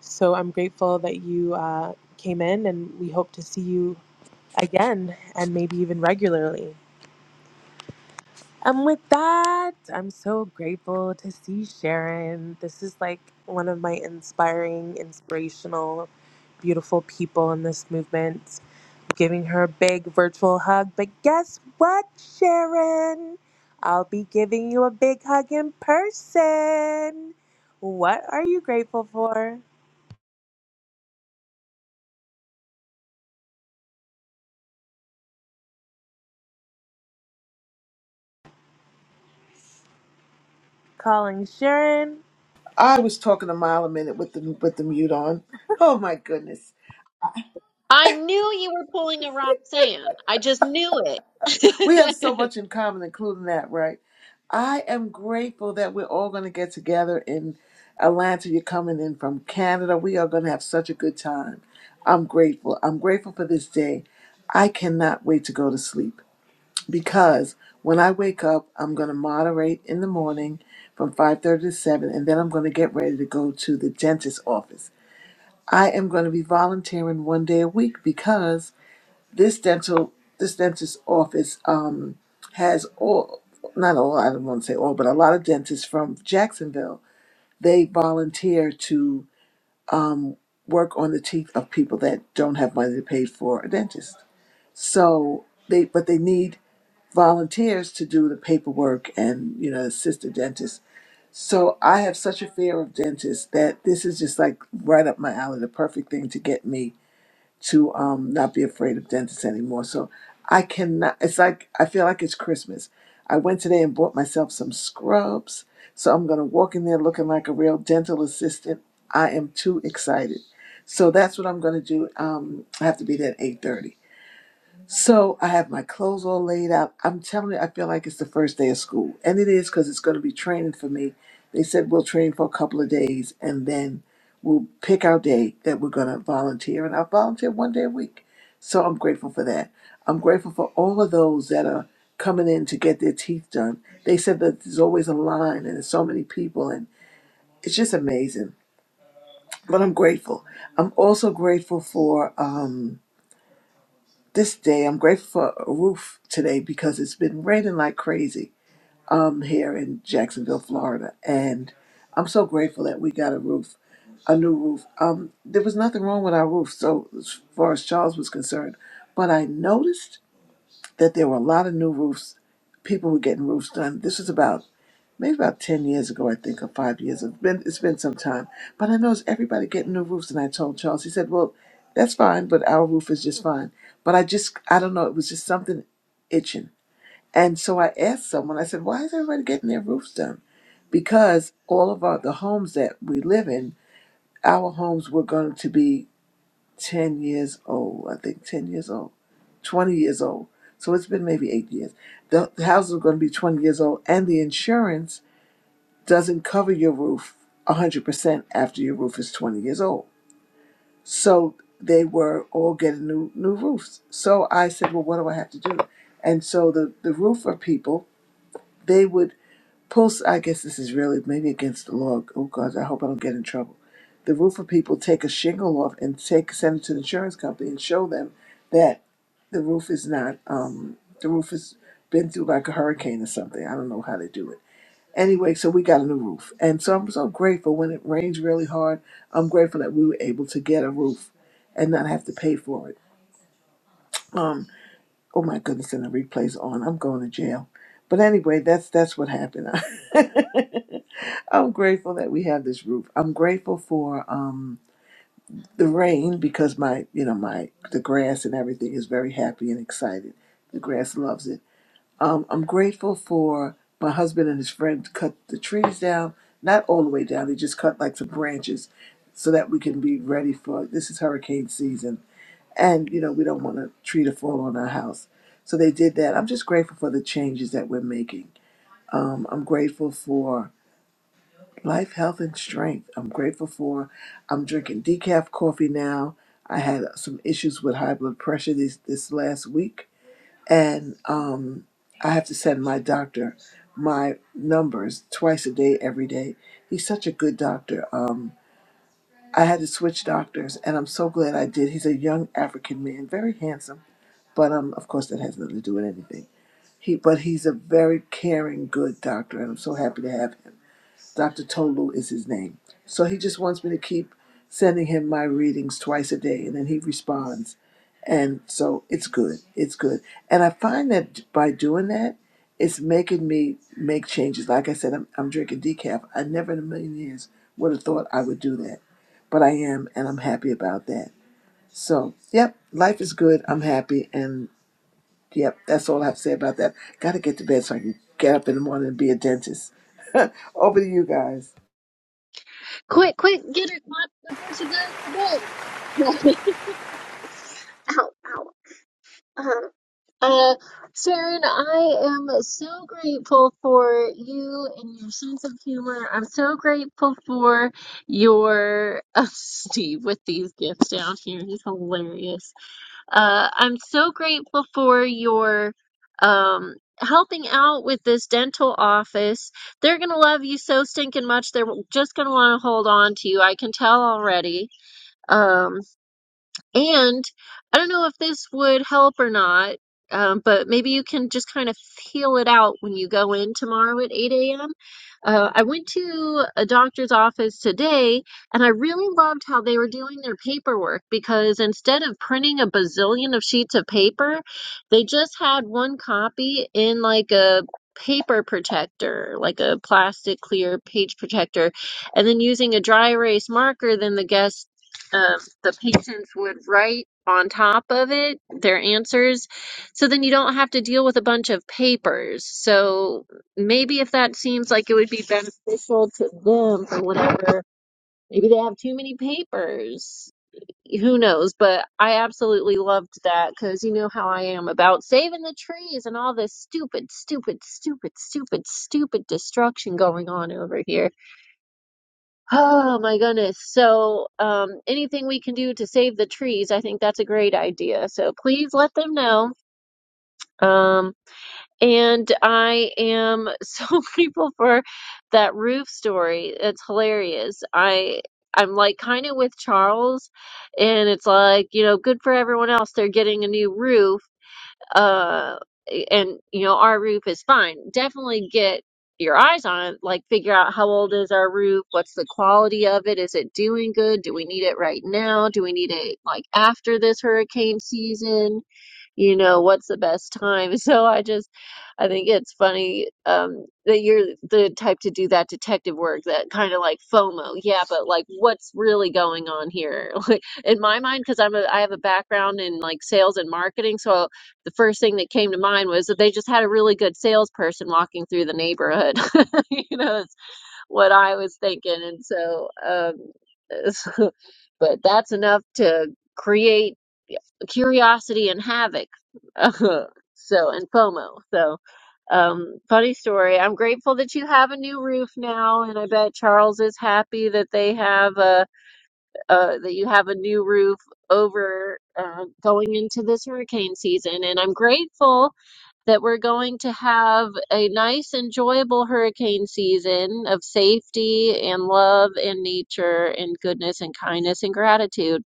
C: So I'm grateful that you uh, came in, and we hope to see you again and maybe even regularly. And with that, I'm so grateful to see Sharon. This is like one of my inspiring, inspirational, beautiful people in this movement. Giving her a big virtual hug. But guess what, Sharon? I'll be giving you a big hug in person. What are you grateful for? Calling Sharon.
J: I was talking a mile a minute with the with the mute on. Oh my goodness.
A: I knew you were pulling a Roxanne. I just knew it.
J: We have so much in common, including that, right? I am grateful that we're all gonna get together in Atlanta. You're coming in from Canada. We are gonna have such a good time. I'm grateful. I'm grateful for this day. I cannot wait to go to sleep because when I wake up, I'm gonna moderate in the morning from 5:30 to 7, and then I'm gonna get ready to go to the dentist's office. I am going to be volunteering one day a week because this dental this dentist's office um, has all not all I don't want to say all but a lot of dentists from Jacksonville they volunteer to work on the teeth of people that don't have money to pay for a dentist. So they but they need volunteers to do the paperwork and you know assist the dentist. So I have such a fear of dentists that this is just like right up my alley, the perfect thing to get me to um, not be afraid of dentists anymore. So I cannot, it's like, I feel like it's Christmas. I went today and bought myself some scrubs. So I'm going to walk in there looking like a real dental assistant. I am too excited. So that's what I'm going to do. Um, I have to be there at 8.30. So I have my clothes all laid out. I'm telling you, I feel like it's the first day of school. And it is because it's going to be training for me. They said we'll train for a couple of days and then we'll pick our day that we're going to volunteer. And I'll volunteer one day a week. So I'm grateful for that. I'm grateful for all of those that are coming in to get their teeth done. They said that there's always a line and there's so many people and it's just amazing. But I'm grateful. I'm also grateful for. Um, this day. I'm grateful for a roof today because it's been raining like crazy um, here in Jacksonville, Florida. And I'm so grateful that we got a roof, a new roof. Um, there was nothing wrong with our roof, so as far as Charles was concerned. But I noticed that there were a lot of new roofs. People were getting roofs done. This was about maybe about 10 years ago, I think, or five years. It's been, it's been some time. But I noticed everybody getting new roofs. And I told Charles, he said, well, that's fine, but our roof is just fine. But I just, I don't know, it was just something itching. And so I asked someone, I said, why is everybody getting their roofs done? Because all of our, the homes that we live in, our homes were going to be 10 years old, I think 10 years old, 20 years old. So it's been maybe eight years. The, the houses are going to be 20 years old, and the insurance doesn't cover your roof 100% after your roof is 20 years old. So they were all getting new, new roofs. So I said, well, what do I have to do? And so the, the roofer people, they would pull, I guess this is really maybe against the law. Oh, God, I hope I don't get in trouble. The roofer people take a shingle off and take send it to the insurance company and show them that the roof is not, um, the roof has been through like a hurricane or something. I don't know how they do it Anyway, so we got a new roof. And so I'm so grateful when it rains really hard. I'm grateful that we were able to get a roof and not have to pay for it. Um, oh my goodness, and the replay's on. I'm going to jail. But anyway, that's that's what happened. I'm grateful that we have this roof. I'm grateful for um the rain because my you know my the grass and everything is very happy and excited. The grass loves it. Um, I'm grateful for my husband and his friend cut the trees down, not all the way down. They just cut like some branches so that we can be ready for this is hurricane season. And, you know, we don't want a tree to fall on our house. So they did that. I'm just grateful for the changes that we're making. Um, I'm grateful for life, health, and strength. I'm grateful for, I'm drinking decaf coffee now. I had some issues with high blood pressure this, this last week and um, I have to send my doctor my numbers twice a day, every day. He's such a good doctor. Um, I had to switch doctors, and I'm so glad I did. He's a young African man, very handsome, but um, of course that has nothing to do with anything. He, but he's a very caring, good doctor, and I'm so happy to have him. Dr. Tolu is his name. So he just wants me to keep sending him my readings twice a day, and then he responds. And so it's good. It's good. And I find that by doing that, it's making me make changes. Like I said, I'm, I'm drinking decaf. I never in a million years would have thought I would do that. But I am, and I'm happy about that. So, yep, life is good. I'm happy. And yep, that's all I have to say about that. Got to get to bed so I can get up in the morning and be a dentist. Over to you guys.
A: quick, quick, get her clap before she goes to bed. ow, ow. Uh-huh. Uh, Sharon, I am so grateful for you and your sense of humor. I'm so grateful for your Steve with these gifts down here. He's hilarious. Uh, I'm so grateful for your um helping out with this dental office. They're gonna love you so stinking much. They're just gonna want to hold on to you. I can tell already. Um, and I don't know if this would help or not, um, but maybe you can just kind of feel it out when you go in tomorrow at 8 a.m. Uh, I went to a doctor's office today and I really loved how they were doing their paperwork because instead of printing a bazillion of sheets of paper, they just had one copy in like a paper protector, like a plastic clear page protector, and then using a dry erase marker, then the guest um, the patients would write on top of it their answers. So then you don't have to deal with a bunch of papers. So maybe if that seems like it would be beneficial to them for whatever, maybe they have too many papers. Who knows? But I absolutely loved that because you know how I am about saving the trees and all this stupid, stupid, stupid, stupid, stupid destruction going on over here. Oh my goodness. So, um, anything we can do to save the trees, I think that's a great idea. So please let them know. Um, and I am so grateful for that roof story. It's hilarious. I I'm like kind of with Charles, and it's like, you know, good for everyone else. They're getting a new roof uh and you know our roof is fine definitely get your eyes on it like figure out how old is our roof what's the quality of it is it doing good do we need it right now do we need it like after this hurricane season you know, what's the best time? So I just, I think it's funny um, that you're the type to do that detective work, that kind of like FOMO. Yeah, but like, what's really going on here? Like in my mind, because I'm a, I have a background in like sales and marketing, so the first thing that came to mind was that they just had a really good salesperson walking through the neighborhood. You know, what I was thinking. And so, um, so- but that's enough to create curiosity and havoc. so, and FOMO. So, um, funny story. I'm grateful that you have a new roof now, and I bet Charles is happy that they have a, uh, that you have a new roof over, uh, going into this hurricane season. And I'm grateful that we're going to have a nice, enjoyable hurricane season of safety and love and nature and goodness and kindness and gratitude.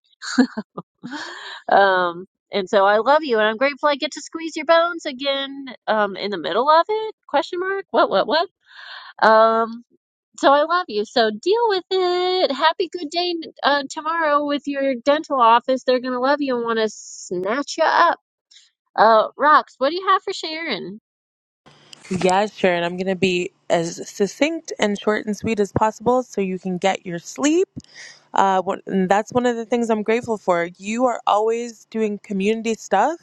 A: Um, and so I love you, and I'm grateful I get to squeeze your bones again um, in the middle of it. Question mark? What? What? What? Um, so I love you. So deal with it. Happy good day uh, tomorrow with your dental office. They're gonna love you and want to snatch you up. Uh, Rox, what do you have for Sharon?
C: Yeah, Sharon, I'm going to be as succinct and short and sweet as possible so you can get your sleep. Uh, what, and that's one of the things I'm grateful for. You are always doing community stuff,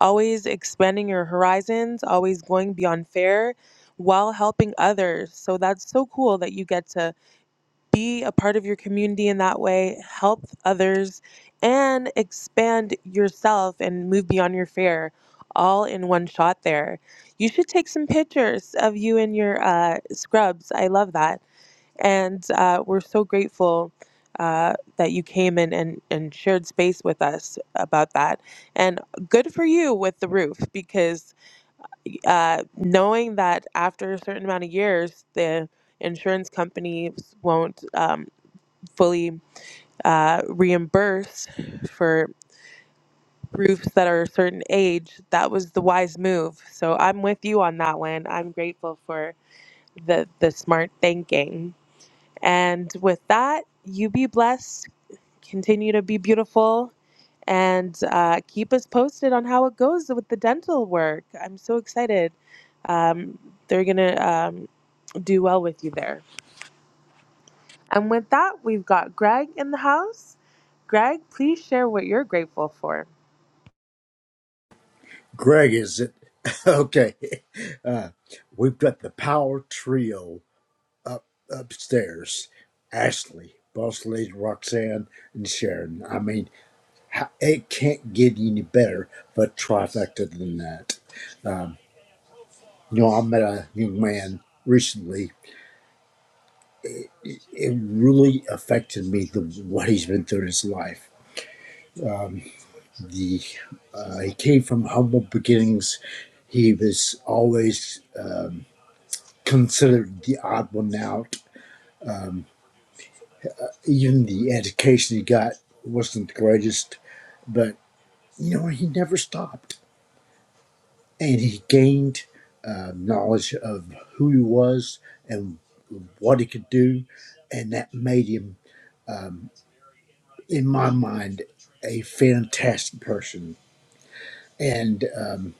C: always expanding your horizons, always going beyond fair while helping others. So that's so cool that you get to be a part of your community in that way, help others, and expand yourself and move beyond your fear all in one shot there. You should take some pictures of you and your uh, scrubs. I love that. And uh, we're so grateful uh, that you came in and, and shared space with us about that. And good for you with the roof because uh, knowing that after a certain amount of years, the insurance companies won't. Um, fully uh, reimbursed for roofs that are a certain age, that was the wise move. So I'm with you on that one. I'm grateful for the the smart thinking. And with that, you be blessed. Continue to be beautiful, and uh, keep us posted on how it goes with the dental work. I'm so excited. Um, they're gonna um, do well with you there. And with that, we've got Greg in the house. Greg, please share what you're grateful for.
K: Greg, is it? Okay. Uh, we've got the power trio upstairs Ashley, Boss Lady Roxanne, and Sharon. I mean, ho- it can't get any better but trifecta than that. Um, you know, I met a young man recently. It really affected me, the, what he's been through in his life. The uh, He came from humble beginnings. He was always considered the odd one out even the education he got wasn't the greatest, but you know, he never stopped and he gained uh, knowledge of who he was and what he could do, and that made him, in my mind, a fantastic person. And um,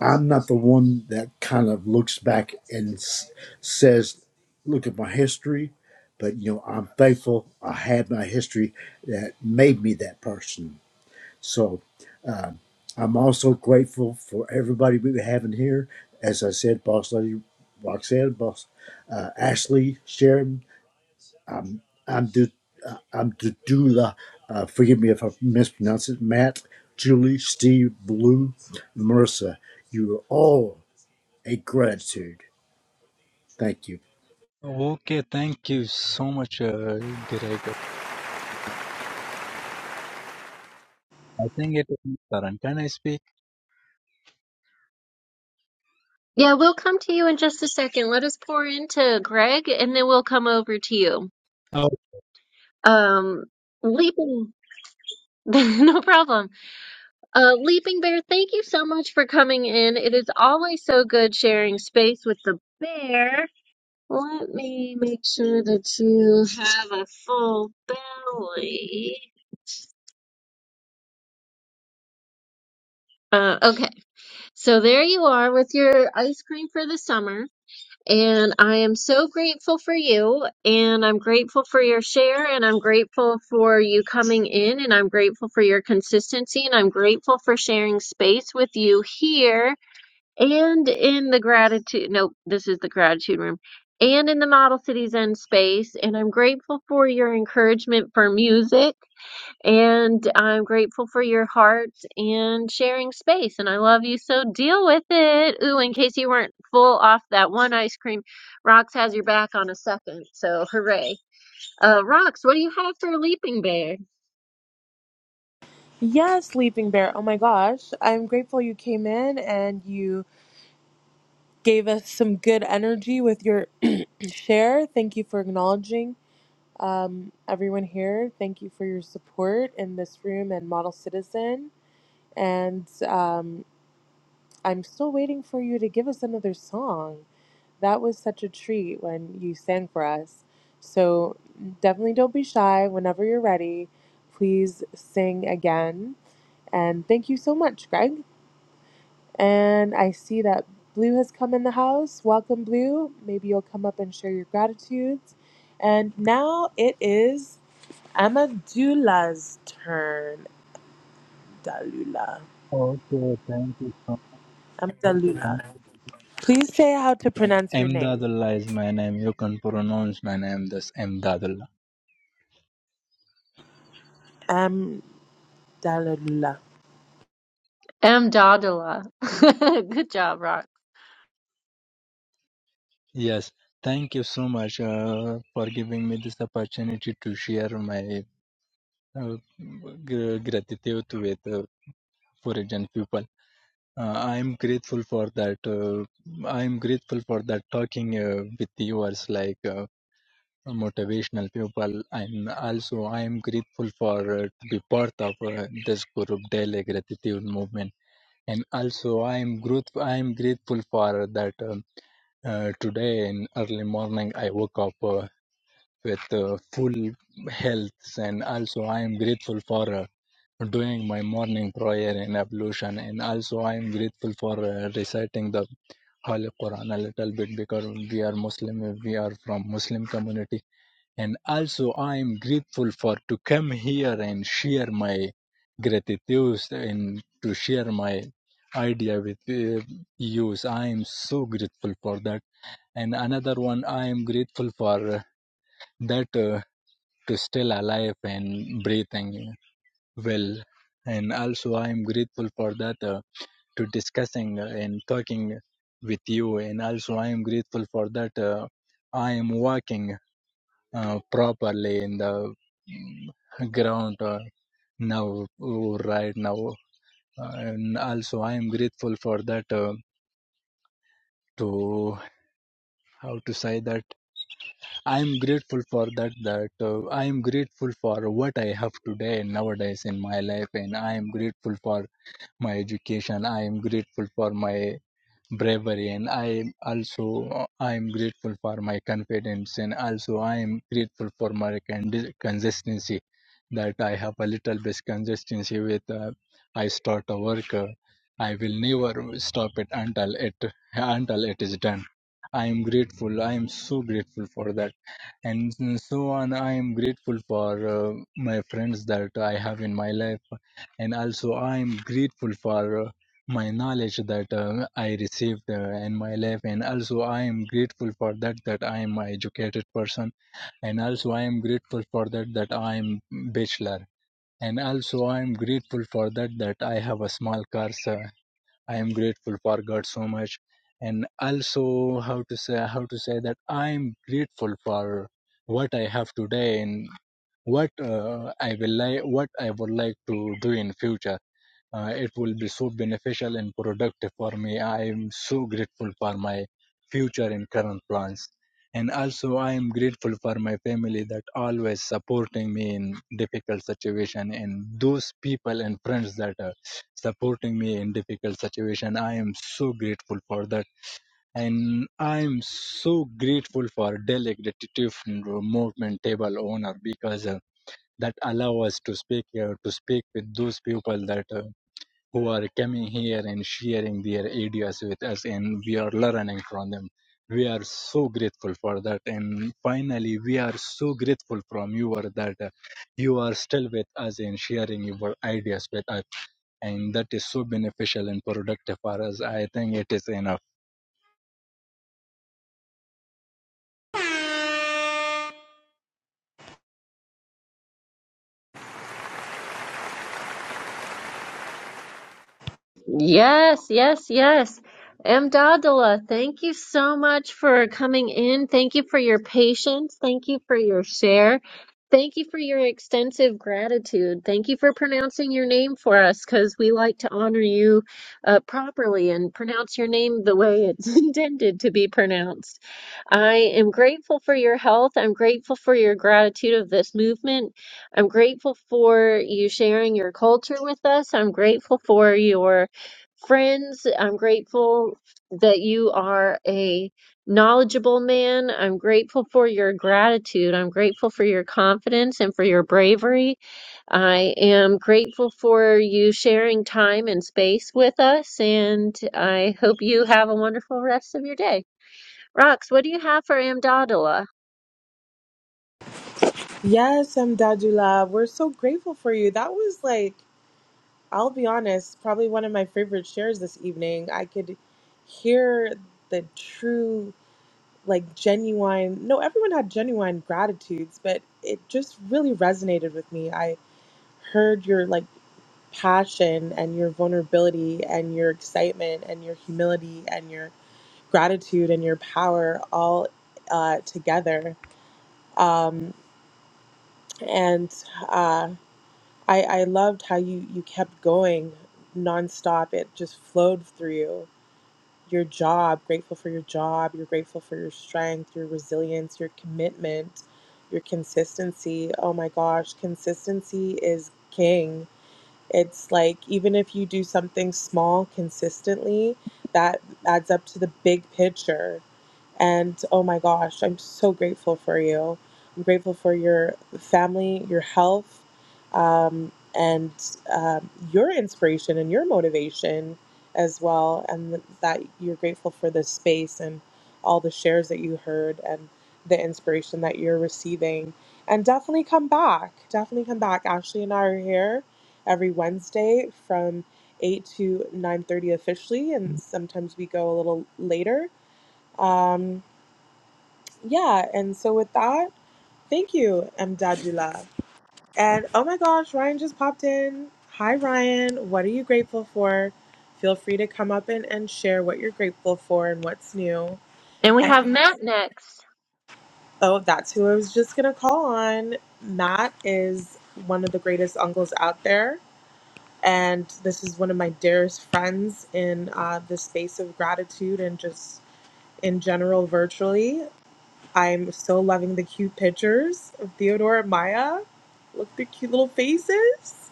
K: I'm not the one that kind of looks back and s- says, Look at my history. But you know, I'm thankful I had my history that made me that person. So I'm also grateful for everybody we have in here. As I said, Boss Lady Roxanne, Boss uh, Ashley, Sharon, I'm Du, uh, I'm Dudula. Uh, forgive me if I mispronounce it. Matt, Julie, Steve, Blue, Marissa. You are all a gratitude. Thank you.
L: Okay, thank you so much, uh, Derek. I think it is Karan. Can I speak?
A: Yeah, we'll come to you in just a second. Let us pour into Greg and then we'll come over to you.
L: Oh,
A: Um, Leaping, no problem. Uh, Leaping Bear, thank you so much for coming in. It is always so good sharing space with the bear. Let me make sure that you have a full belly. Uh, okay, so there you are with your ice cream for the summer. And I am so grateful for you, and I'm grateful for your share, and I'm grateful for you coming in, and I'm grateful for your consistency, and I'm grateful for sharing space with you here and in the gratitude. Nope, this is the gratitude room. And in the Model Cities End space, and I'm grateful for your encouragement for music. And I'm grateful for your heart and sharing space. And I love you, so deal with it. Ooh, in case you weren't full off that one ice cream, Rox has your back on a second. So hooray. Uh, Rox, what do you have for a Leaping Bear?
C: Yes, Leaping Bear. Oh my gosh. I'm grateful you came in and you gave us some good energy with your share. Thank you for acknowledging um, everyone here. Thank you for your support in this room and Model Citizen. And um, I'm still waiting for you to give us another song. That was such a treat when you sang for us. So definitely don't be shy. Whenever you're ready, please sing again. And thank you so much, Greg. And I see that Blue has come in the house. Welcome, Blue. Maybe you'll come up and share your gratitudes. And now it is Amadula's turn. Dalula.
L: okay, thank you so much.
C: Amdalula. Please say how to pronounce your name.
L: Emdadullah is my name. You can pronounce my name this Emdadullah.
C: Amdalula.
A: M. Dodula. Good job, Rox.
L: Yes, thank you so much uh, for giving me this opportunity to share my uh, gr- gratitude with uh, Foreign people. Uh, I am grateful for that. Uh, I am grateful for that talking uh, with yours. Like. Uh, motivational people and also i am grateful for uh, to be part of uh, this group daily gratitude movement and also i am grateful i am grateful for that um, uh, today in early morning i woke up uh, with uh, full health and also i am grateful for uh, doing my morning prayer and ablution and also i am grateful for uh, reciting the holy quran a little bit because we are muslim we are from muslim community and also I am grateful for to come here and share my gratitude and to share my idea with uh, you. I am so grateful for that. And another one, I am grateful for uh, that uh, to still alive and breathing well. And also, I am grateful for that uh, to discussing and talking with you. And also, I am grateful for that. Uh, I am walking uh, properly in the mm, ground uh, now uh, right now Uh, and also i am grateful for that uh, to how to say that i am grateful for that that uh, i am grateful for what i have today nowadays in my life and i am grateful for my education i am grateful for my bravery and i also uh, i am grateful for my confidence and also i am grateful for my con- consistency that i have a little bit consistency with uh, i start a work uh, i will never stop it until it until it is done i am grateful i am so grateful for that and so on i am grateful for uh, my friends that i have in my life and also i am grateful for uh, my knowledge that uh, i received uh, in my life and also i am grateful for that that i am an educated person and also i am grateful for that that i am bachelor and also i am grateful for that that i have a small car sir. I am grateful for God so much, and also how to say how to say that I am grateful for what I have today and what uh, I will like what I would like to do in future. Uh, it will be so beneficial and productive for me. I am so grateful for my future and current plans. And also, I am grateful for my family that always supporting me in difficult situation. And those people and friends that are supporting me in difficult situation, I am so grateful for that. And I am so grateful for Delhi Gratitude Movement Table Owner because uh, that allow us to speak here, to speak with those people that. Uh, who are coming here and sharing their ideas with us and we are learning from them we are so grateful for that and finally we are so grateful from you are that uh, you are still with us and sharing your ideas with us and that is so beneficial and productive for us i think it is enough
A: Yes, yes, yes. M. Dadala, thank you so much for coming in. Thank you for your patience. Thank you for your share. Thank you for your extensive gratitude. Thank you for pronouncing your name for us because we like to honor you uh, properly and pronounce your name the way it's intended to be pronounced. I am grateful for your health. I'm grateful for your gratitude of this movement. I'm grateful for you sharing your culture with us. I'm grateful for your friends. I'm grateful that you are a knowledgeable man. I'm grateful for your gratitude. I'm grateful for your confidence and for your bravery. I am grateful for you sharing time and space with us, and I hope you have a wonderful rest of your day. Rox, what do you have for Amdadala?
C: Yes, Amdadullah, we're so grateful for you. That was like, I'll be honest, probably one of my favorite shares this evening. I could hear the true, like genuine, no, everyone had genuine gratitudes, but it just really resonated with me. I heard your like passion and your vulnerability and your excitement and your humility and your gratitude and your power all uh, together. Um, and uh, I, I loved how you, you kept going nonstop. It just flowed through you. Your job, grateful for your job, you're grateful for your strength, your resilience, your commitment, your consistency. Oh my gosh, consistency is king. It's like even if you do something small consistently, that adds up to the big picture. And oh my gosh, I'm so grateful for you. I'm grateful for your family, your health, um, and um, your inspiration and your motivation as well. And that you're grateful for this space and all the shares that you heard and the inspiration that you're receiving. And definitely come back. Definitely come back. Ashley and I are here every Wednesday from 8 to 9:30 officially and sometimes we go a little later. Um yeah, and so with that, thank you, Mdadula. And oh my gosh, Ryan just popped in. Hi Ryan, what are you grateful for? Feel free to come up and, and share what you're grateful for and what's new.
A: And we
C: And
A: have Matt next.
C: oh, that's who I was just gonna call on. Matt is one of the greatest uncles out there and this is one of my dearest friends in uh, the space of gratitude and just in general virtually i'm so loving the cute pictures of theodore and maya look at their cute little faces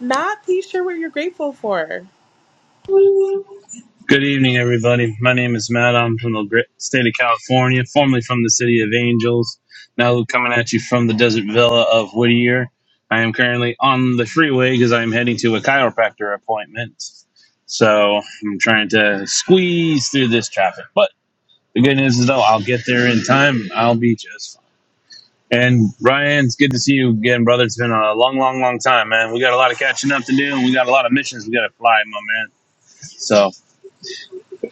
C: matt please share what you're grateful for
M: Good evening, everybody. My name is Matt. I'm from the great state of California, formerly from the city of Angels, now coming at you from the desert villa of Whittier. I am currently on the freeway because I'm heading to a chiropractor appointment. So I'm trying to squeeze through this traffic. But the good news is, though, I'll get there in time. I'll be just fine. And Ryan, it's good to see you again, brother. It's been a long, long, long time, man. We got a lot of catching up to do, and we got a lot of missions we got to fly, my man. So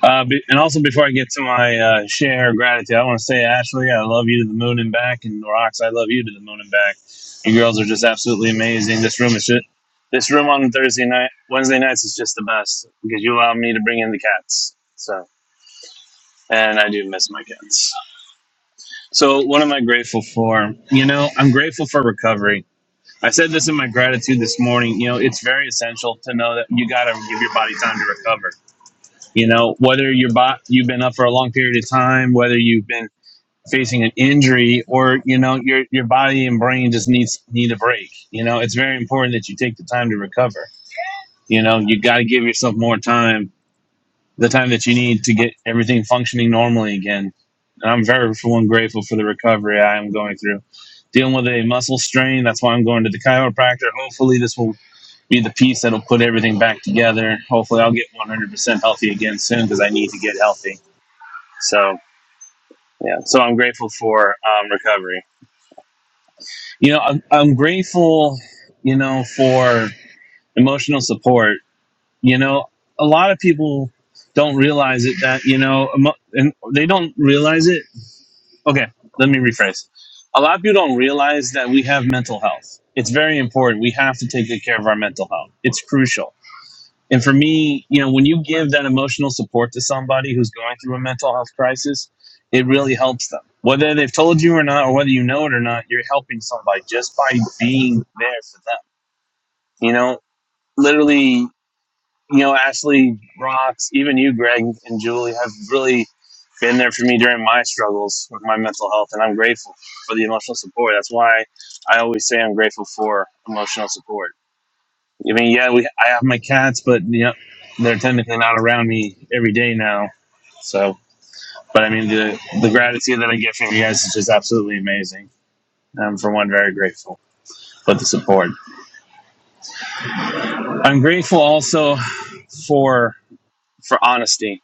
M: uh, be, and also, before I get to my uh, share of gratitude, I want to say, Ashley, I love you to the moon and back, and Rox, I love you to the moon and back. You girls are just absolutely amazing. This room is just, this room on Thursday night, Wednesday nights is just the best because you allow me to bring in the cats. So, and I do miss my cats. So, what am I grateful for? You know, I'm grateful for recovery. I said this in my gratitude this morning. You know, it's very essential to know that you got to give your body time to recover you know, whether you're bo- you've been up for a long period of time, whether you've been facing an injury, or you know your your body and brain just needs need a break. You know, it's very important that you take the time to recover. You know, you got to give yourself more time, the time that you need to get everything functioning normally again. And I'm very for one grateful for the recovery I am going through. Dealing with a muscle strain, that's why I'm going to the chiropractor. Hopefully, this will be the piece that'll put everything back together. Hopefully, I'll get 100% healthy again soon because I need to get healthy so yeah, so I'm grateful for um, recovery. You know, I'm, I'm grateful, you know, for emotional support. You know, a lot of people don't realize it that you know, emo- and they don't realize it. Okay, let me rephrase. A lot of people don't realize that we have mental health. It's very important. We have to take good care of our mental health. It's crucial And for me, you know, when you give that emotional support to somebody who's going through a mental health crisis, it really helps them. Whether they've told you or not, or whether you know it or not, you're helping somebody just by being there for them. You know, literally, you know, Ashley rocks, even you, Greg and Julie have really been there for me during my struggles with my mental health. And I'm grateful for the emotional support. That's why I always say I'm grateful for emotional support I mean, yeah, we I have my cats, but yeah, they're technically not around me every day now. So, but I mean, the the gratitude that I get from you guys is just absolutely amazing. I'm for one very grateful for the support. I'm grateful also for for honesty.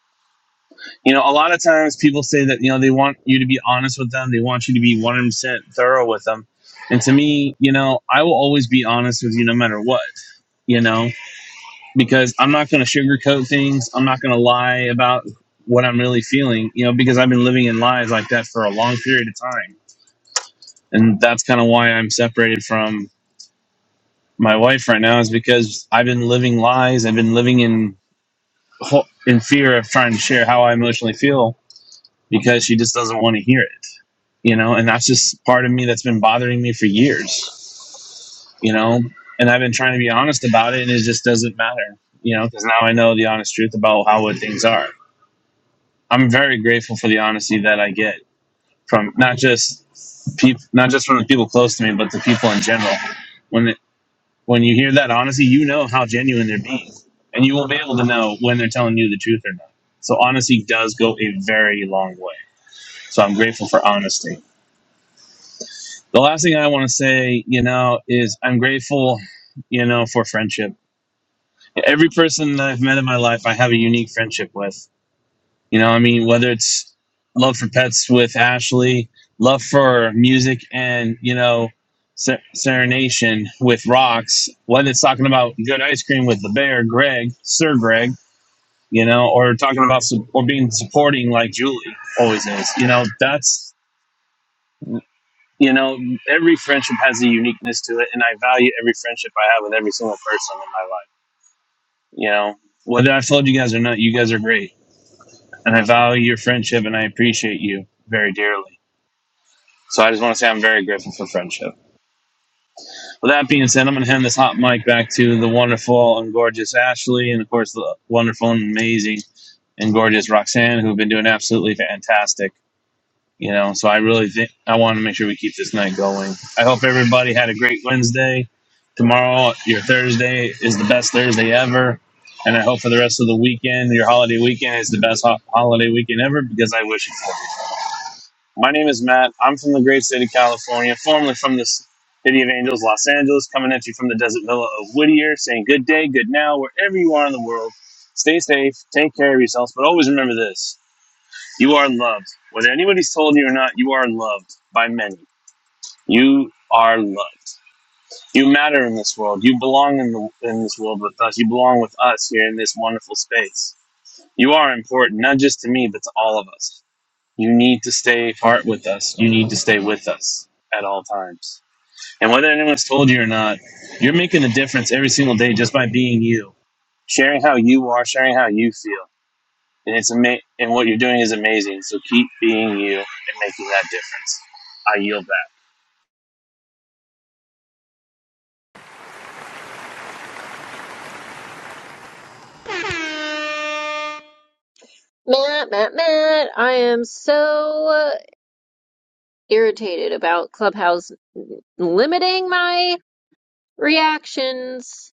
M: You know, a lot of times people say that you know they want you to be honest with them. They want you to be 100% thorough with them. And to me, you know, I will always be honest with you no matter what. You know, because I'm not going to sugarcoat things. I'm not going to lie about what I'm really feeling, you know, because I've been living in lies like that for a long period of time. And that's kind of why I'm separated from my wife right now is because I've been living lies. I've been living in ho- in fear of trying to share how I emotionally feel because she just doesn't want to hear it, you know, and that's just part of me that's been bothering me for years, you know, and I've been trying to be honest about it and it just doesn't matter, you know, because now I know the honest truth about how what things are I'm very grateful for the honesty that I get from not just people, not just from the people close to me, but the people in general. When it, when you hear that honesty, you know how genuine they're being, and you will be able to know when they're telling you the truth or not. So honesty does go a very long way. So I'm grateful for honesty. The last thing I want to say, you know, is I'm grateful, you know, for friendship. Every person that I've met in my life, I have a unique friendship with You know, I mean, whether it's love for pets with Ashley, love for music, and you know, ser- serenation with rocks. Whether it's talking about good ice cream with the bear, Greg, Sir Greg. You know, or talking about su- or being supporting like Julie always is. You know, that's you know, every friendship has a uniqueness to it, and I value every friendship I have with every single person in my life. You know, whether I followed you guys or not, you guys are great, and I value your friendship, and I appreciate you very dearly So I just want to say I'm very grateful for friendship. With that being said, I'm going to hand this hot mic back to the wonderful and gorgeous Ashley, and of course the wonderful and amazing and gorgeous Roxanne, who've been doing absolutely fantastic. You know, so I really think I want to make sure we keep this night going. I hope everybody had a great Wednesday. Tomorrow, your Thursday is the best Thursday ever. And I hope for the rest of the weekend, your holiday weekend is the best ho- holiday weekend ever because I wish My name is Matt. I'm from the great state of California, formerly from the city of Angels, Los Angeles, coming at you from the desert villa of Whittier, saying good day, good now, wherever you are in the world. Stay safe, take care of yourselves, but always remember this you are loved. Whether anybody's told you or not, you are loved by many. You are loved. You matter in this world. You belong in, the, in this world with us. You belong with us here in this wonderful space. You are important, not just to me, but to all of us. You need to stay apart with us. You need to stay with us at all times. And whether anyone's told you or not, you're making a difference every single day just by being you, sharing how you are, sharing how you feel. And it's ama- and what you're doing is amazing. So keep being you and making that difference. I yield back.
A: Matt, Matt, Matt, I am so irritated about Clubhouse limiting my reactions.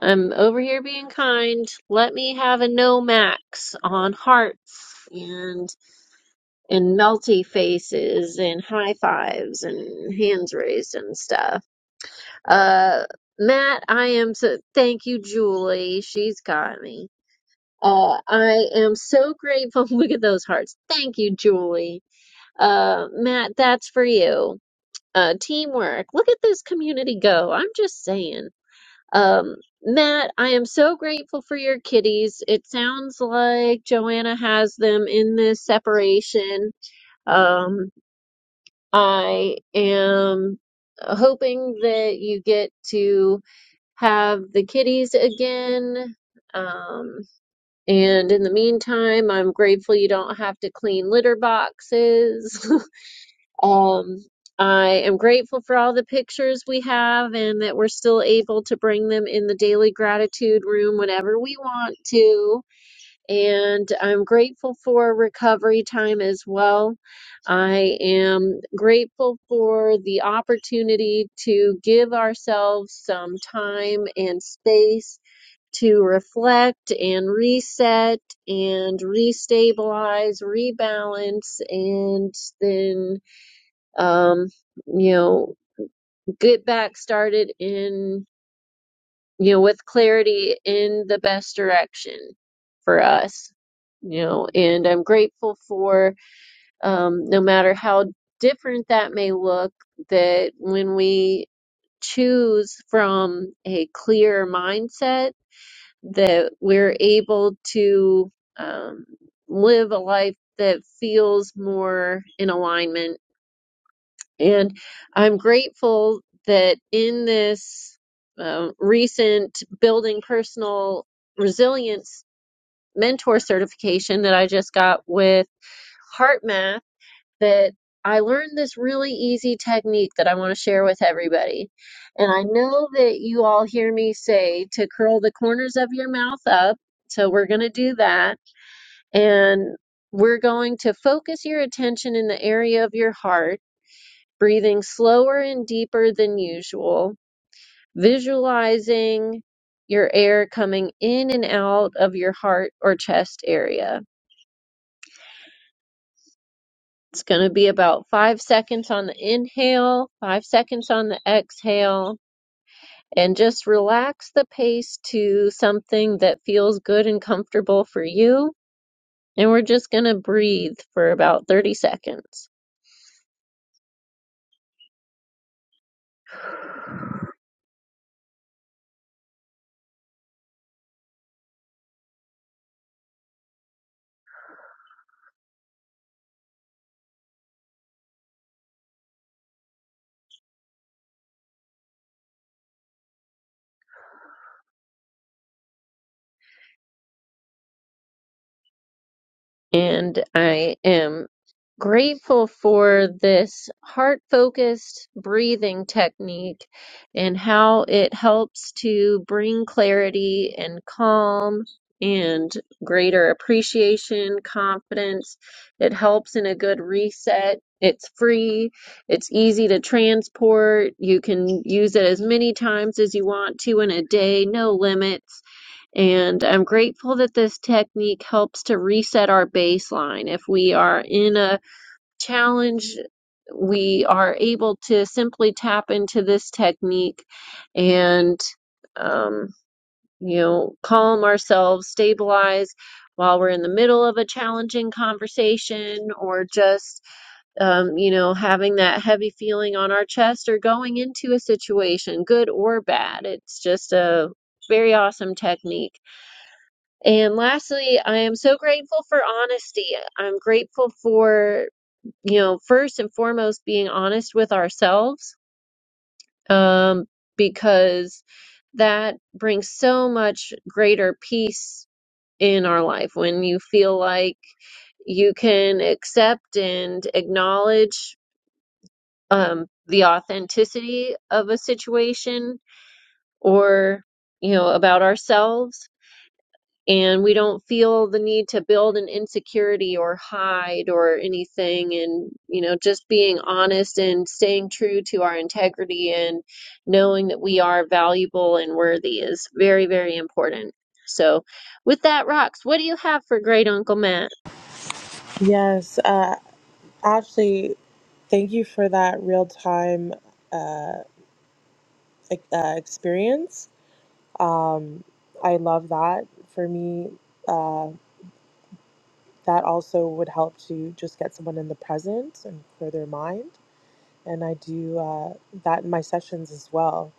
A: I'm over here being kind. Let me have a no max on hearts and and melty faces and high fives and hands raised and stuff. Uh Matt, I am so thank you, Julie. She's got me. Uh, I am so grateful. Look at those hearts. Thank you, Julie. Uh, Matt, that's for you. uh, teamwork. Look at this community go. I'm just saying. Um, Matt, I am so grateful for your kitties. It sounds like Joanna has them in this separation. Um, I am hoping that you get to have the kitties again. Um, and in the meantime, I'm grateful you don't have to clean litter boxes. Um, I am grateful for all the pictures we have and that we're still able to bring them in the daily gratitude room whenever we want to. And I'm grateful for recovery time as well. I am grateful for the opportunity to give ourselves some time and space to reflect and reset and restabilize, rebalance, and then um, you know, get back started in, you know, with clarity in the best direction for us, you know, and I'm grateful for, um, no matter how different that may look, that when we choose from a clear mindset, that we're able to, um, live a life that feels more in alignment And I'm grateful that in this um, recent building personal resilience mentor certification that I just got with HeartMath, that I learned this really easy technique that I want to share with everybody. And I know that you all hear me say to curl the corners of your mouth up. So we're going to do that. And we're going to focus your attention in the area of your heart breathing slower and deeper than usual, visualizing your air coming in and out of your heart or chest area. It's going to be about five seconds on the inhale, five seconds on the exhale, and just relax the pace to something that feels good and comfortable for you. And we're just going to breathe for about 30 seconds. And I am grateful for this heart focused breathing technique and how it helps to bring clarity and calm and greater appreciation, confidence. It helps in a good reset. It's free. It's easy to transport. You can use it as many times as you want to in a day, no limits. And I'm grateful that this technique helps to reset our baseline. If we are in a challenge, we are able to simply tap into this technique and, um, you know, calm ourselves, stabilize while we're in the middle of a challenging conversation or just, um, you know, having that heavy feeling on our chest or going into a situation, good or bad. It's just a very awesome technique. And lastly, I am so grateful for honesty. I'm grateful for you know, first and foremost, being honest with ourselves, um, because that brings so much greater peace in our life when you feel like you can accept and acknowledge um, the authenticity of a situation or, you know, about ourselves and we don't feel the need to build an insecurity or hide or anything and you know just being honest and staying true to our integrity and knowing that we are valuable and worthy is very very important so with that rocks what do you have for great uncle matt
C: yes uh, ashley thank you for that real time uh, e- uh, experience um, i love that for me uh, that also would help to just get someone in the present and clear their mind. And I do uh, that in my sessions as well.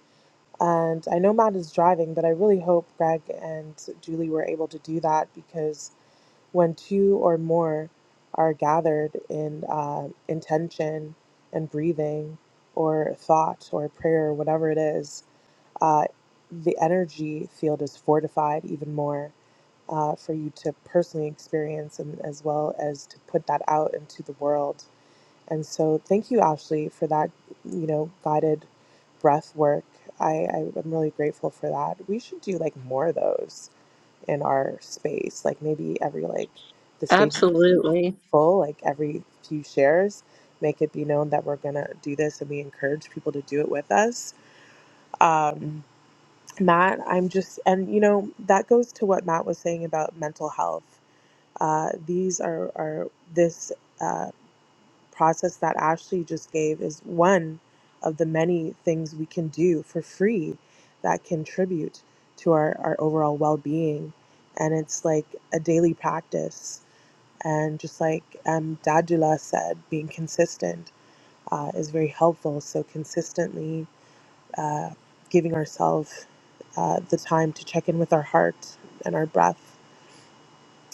C: And I know Matt is driving, but I really hope Greg and Julie were able to do that because when two or more are gathered in uh, intention and breathing or thought or prayer or whatever it is, uh, the energy field is fortified even more uh, for you to personally experience and as well as to put that out into the world. And so, thank you, Ashley, for that, you know, guided breath work. I, I am really grateful for that. We should do like more of those in our space, like maybe every like the stage is
A: absolutely
C: full, like every few shares, make it be known that we're gonna do this, and we encourage people to do it with us. Um, Matt, I'm just, and you know, that goes to what Matt was saying about mental health. Uh, these are, are this uh, process that Ashley just gave is one of the many things we can do for free that contribute to our, our overall well being. And it's like a daily practice. And just like um, Dadula said, being consistent uh, is very helpful. So, consistently uh, giving ourselves uh, the time to check in with our heart and our breath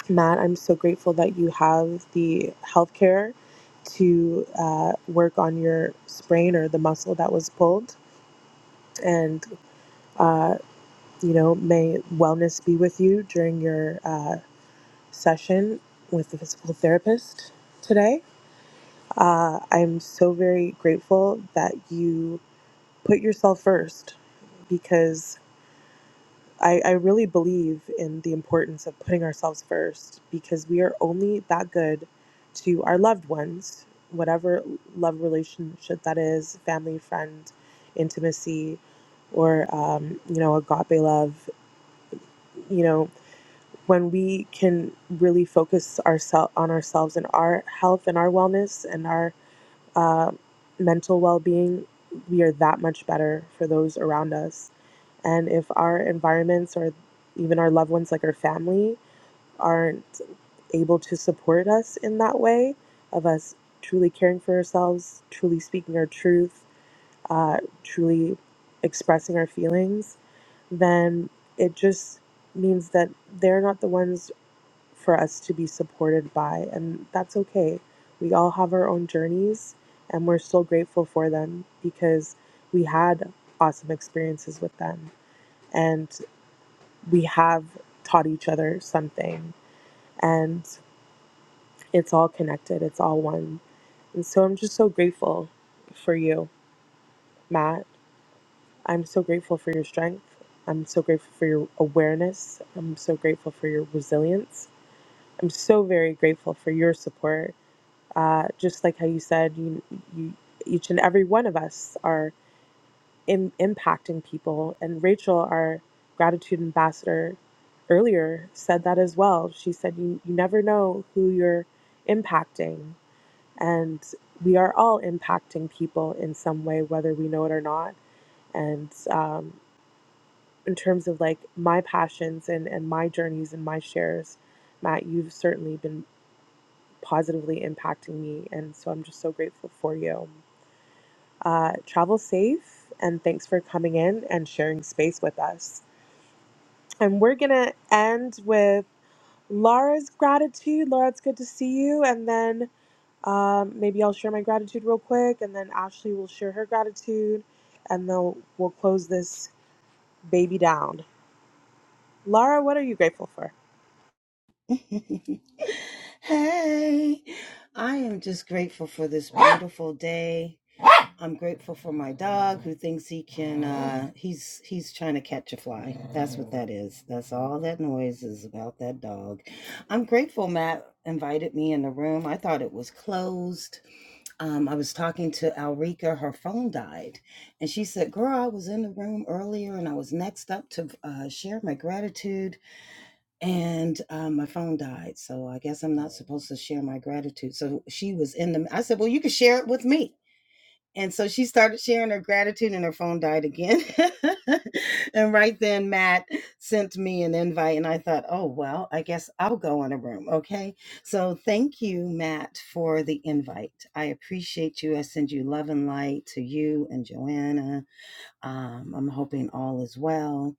C: Matt, I'm so grateful that you have the healthcare to uh, work on your sprain or the muscle that was pulled. And, uh, you know, may wellness be with you during your uh, session with the physical therapist today. Uh, I'm so very grateful that you put yourself first because. I, I really believe in the importance of putting ourselves first because we are only that good to our loved ones, whatever love relationship that is family, friend, intimacy, or, um, you know, agape love. You know, when we can really focus oursel- on ourselves and our health and our wellness and our uh, mental well being, we are that much better for those around us and if our environments or even our loved ones, like our family, aren't able to support us in that way, of us truly caring for ourselves, truly speaking our truth, uh, truly expressing our feelings, then it just means that they're not the ones for us to be supported by. And that's okay. We all have our own journeys, and we're so grateful for them because we had awesome experiences with them. And we have taught each other something and it's all connected it's all one and so i'm just so grateful for you matt i'm so grateful for your strength i'm so grateful for your awareness i'm so grateful for your resilience i'm so very grateful for your support uh, just like how you said you, you each and every one of us are Im- impacting people. And Rachel, our gratitude ambassador, earlier said that as well. She said, you, you never know who you're impacting. And we are all impacting people in some way, whether we know it or not. And um, in terms of like my passions and, and my journeys and my shares, Matt, you've certainly been positively impacting me. And so I'm just so grateful for you. Uh, travel safe and thanks for coming in and sharing space with us. And we're going to end with Laura's gratitude. Laura, it's good to see you. And then um, maybe I'll share my gratitude real quick. And then Ashley will share her gratitude. And then we'll close this baby down. Laura, what are you grateful for?
N: hey, I am just grateful for this beautiful day. I'm grateful for my dog who thinks he can uh he's he's trying to catch a fly. That's what that is. That's all that noise is about that dog. I'm grateful Matt invited me in the room. I thought it was closed. Um I was talking to Alrika, her phone died, and she said, "Girl, I was in the room earlier and I was next up to uh share my gratitude and um, my phone died so i guess i'm not supposed to share my gratitude so she was in the i said well you can share it with me and so she started sharing her gratitude and her phone died again and right then matt sent me an invite and i thought oh well i guess i'll go in a room okay so thank you matt for the invite i appreciate you i send you love and light to you and joanna um, I'm hoping all is well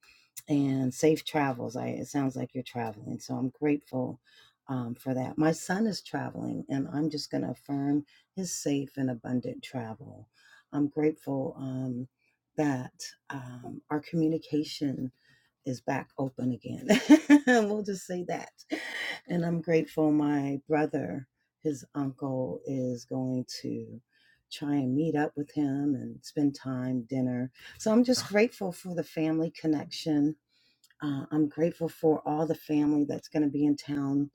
N: and safe travels. I, it sounds like you're traveling, so I'm grateful um, for that. My son is traveling, and I'm just going to affirm his safe and abundant travel. I'm grateful um, that um, our communication is back open again. we'll just say that. And I'm grateful my brother, his uncle, is going to try and meet up with him and spend time, dinner. So I'm just grateful for the family connection. Uh, I'm grateful for all the family that's going to be in town.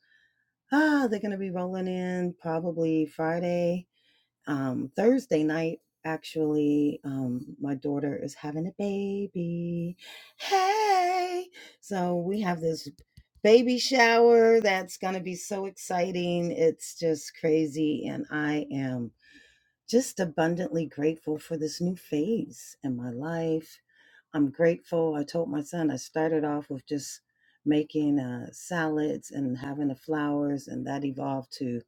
N: Ah, they're going to be rolling in probably Friday um, Thursday night, actually, um, my daughter is having a baby. Hey! So we have this baby shower that's going to be so exciting. It's just crazy. And I am just abundantly grateful for this new phase in my life I'm grateful. I told my son I started off with just making uh, salads and having the flowers, and that evolved to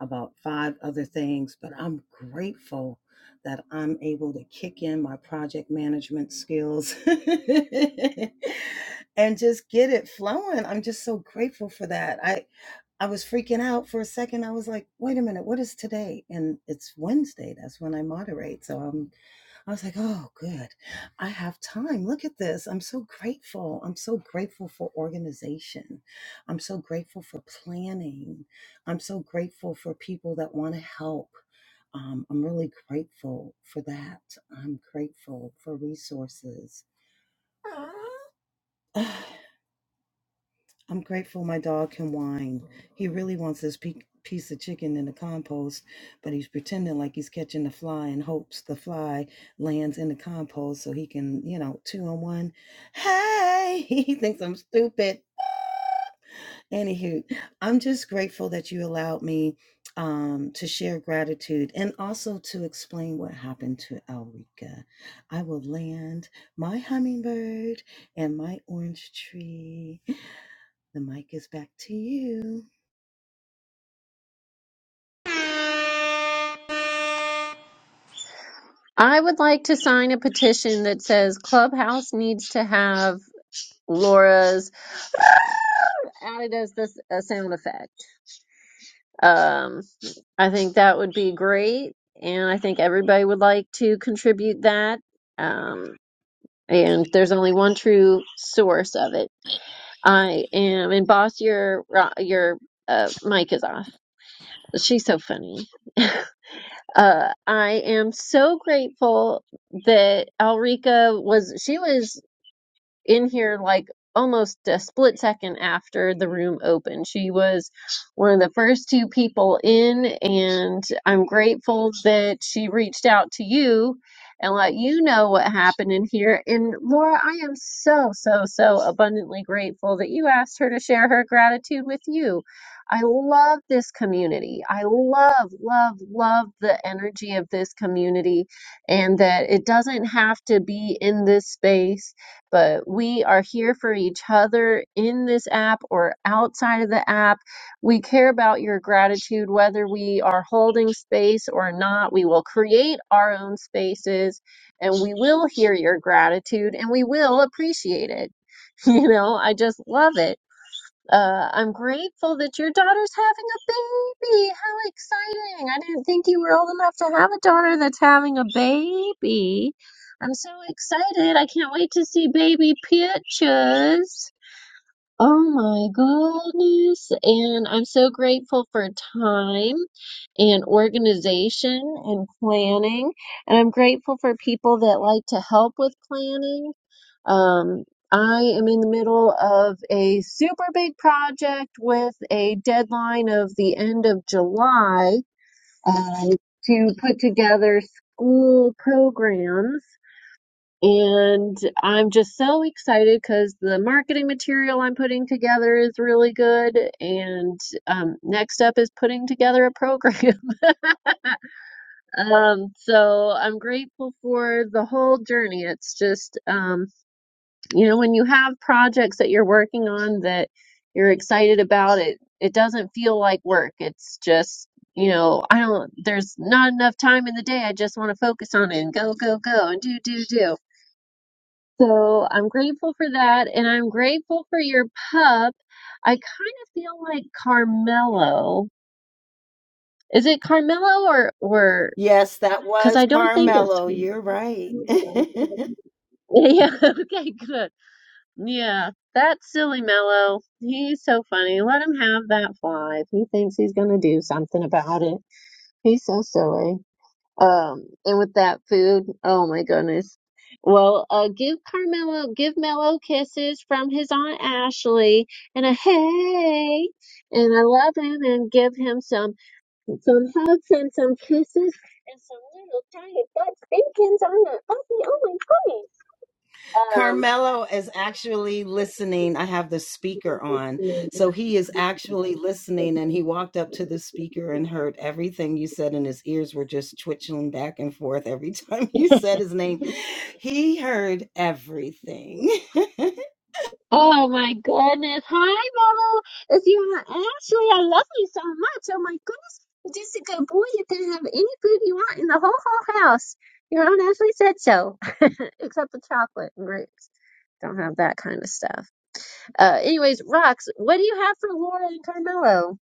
N: about five other things. But I'm grateful that I'm able to kick in my project management skills and just get it flowing. I'm just so grateful for that. I I was freaking out for a second. I was like, "Wait a minute, what is today?" And it's Wednesday. That's when I moderate, so I'm I was like, oh, good. I have time. Look at this. I'm so grateful. I'm so grateful for organization. I'm so grateful for planning. I'm so grateful for people that want to help. Um, I'm really grateful for that. I'm grateful for resources. I'm grateful my dog can whine. He really wants this pe- piece of chicken in the compost, but he's pretending like he's catching the fly and hopes the fly lands in the compost so he can, you know, two on one. Hey, he thinks I'm stupid. Anywho, I'm just grateful that you allowed me um, to share gratitude and also to explain what happened to Elrica. I will land my hummingbird and my orange tree. The mic is back to you.
A: i would like to sign a petition that says clubhouse needs to have laura's added as this a sound effect Um. I think that would be great, and I think everybody would like to contribute that. Um, and there's only one true source of it. I am, and boss, your ro- your uh, mic is off. She's so funny. Uh, I am so grateful that Alrika was. She was in here like almost a split second after the room opened. She was one of the first two people in, and I'm grateful that she reached out to you and let you know what happened in here. And Laura, I am so, so, so abundantly grateful that you asked her to share her gratitude with you. I love this community. I love, love, love the energy of this community, and that it doesn't have to be in this space but we are here for each other in this app or outside of the app. We care about your gratitude, whether we are holding space or not. We will create our own spaces and we will hear your gratitude and we will appreciate it. You know, I just love it uh, I'm grateful that your daughter's having a baby. How exciting! I didn't think you were old enough to have a daughter that's having a baby. I'm so excited. I can't wait to see baby pictures. Oh my goodness. And I'm so grateful for time and organization and planning. And I'm grateful for people that like to help with planning um, I am in the middle of a super big project with a deadline of the end of July uh, to put together school programs. And I'm just so excited because the marketing material I'm putting together is really good. And um, next up is putting together a program. Um, so I'm grateful for the whole journey. It's just, um, you know when you have projects that you're working on that you're excited about it it doesn't feel like work it's just you know i don't there's not enough time in the day i just want to focus on it and go go go and do do do so i'm grateful for that and i'm grateful for your pup i kind of feel like carmelo is it carmelo or or
N: Yes, that
A: because
N: was
A: i don't think it's
N: Carmelo. You're right.
A: yeah okay good Yeah, that's silly Mello. He's so funny. Let him have that fly. If he thinks he's gonna do something about it, he's so silly. Um, and with that food, oh my goodness. Well, uh, give Carmelo, give Mello kisses from his aunt Ashley and a hey, and I love him, and give him some some hugs and some kisses and some little tiny butt spinkins on the puppy. Oh my
N: Carmelo is actually listening. I have the speaker
A: goodness.
N: on. So
A: Um.
N: he is actually listening and he walked up to the speaker and heard everything you said, and his ears were just twitching back and forth every time you said his name. He heard everything.
A: Oh my goodness. Hi, Mama. It's you, Ashley. I love you so much. Oh my goodness. You're just a good boy. You can have any food you want in the whole whole house. Your Aunt Ashley said so. Except the chocolate and grapes. Don't have that kind of stuff. Uh, anyways, Rox, what do you have for Laura and Carmelo?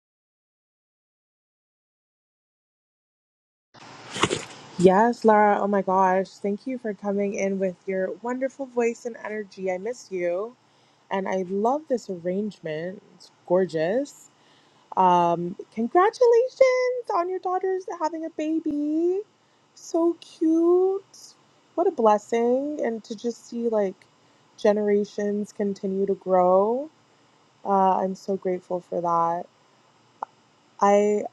C: Yes, Laura. Oh my gosh. Thank you for coming in with your wonderful voice and energy. I miss you. And I love this arrangement. It's gorgeous. Um, congratulations on your daughter's having a baby. So cute. What a blessing. And to just see like generations continue to grow. Uh, I'm so grateful for that. I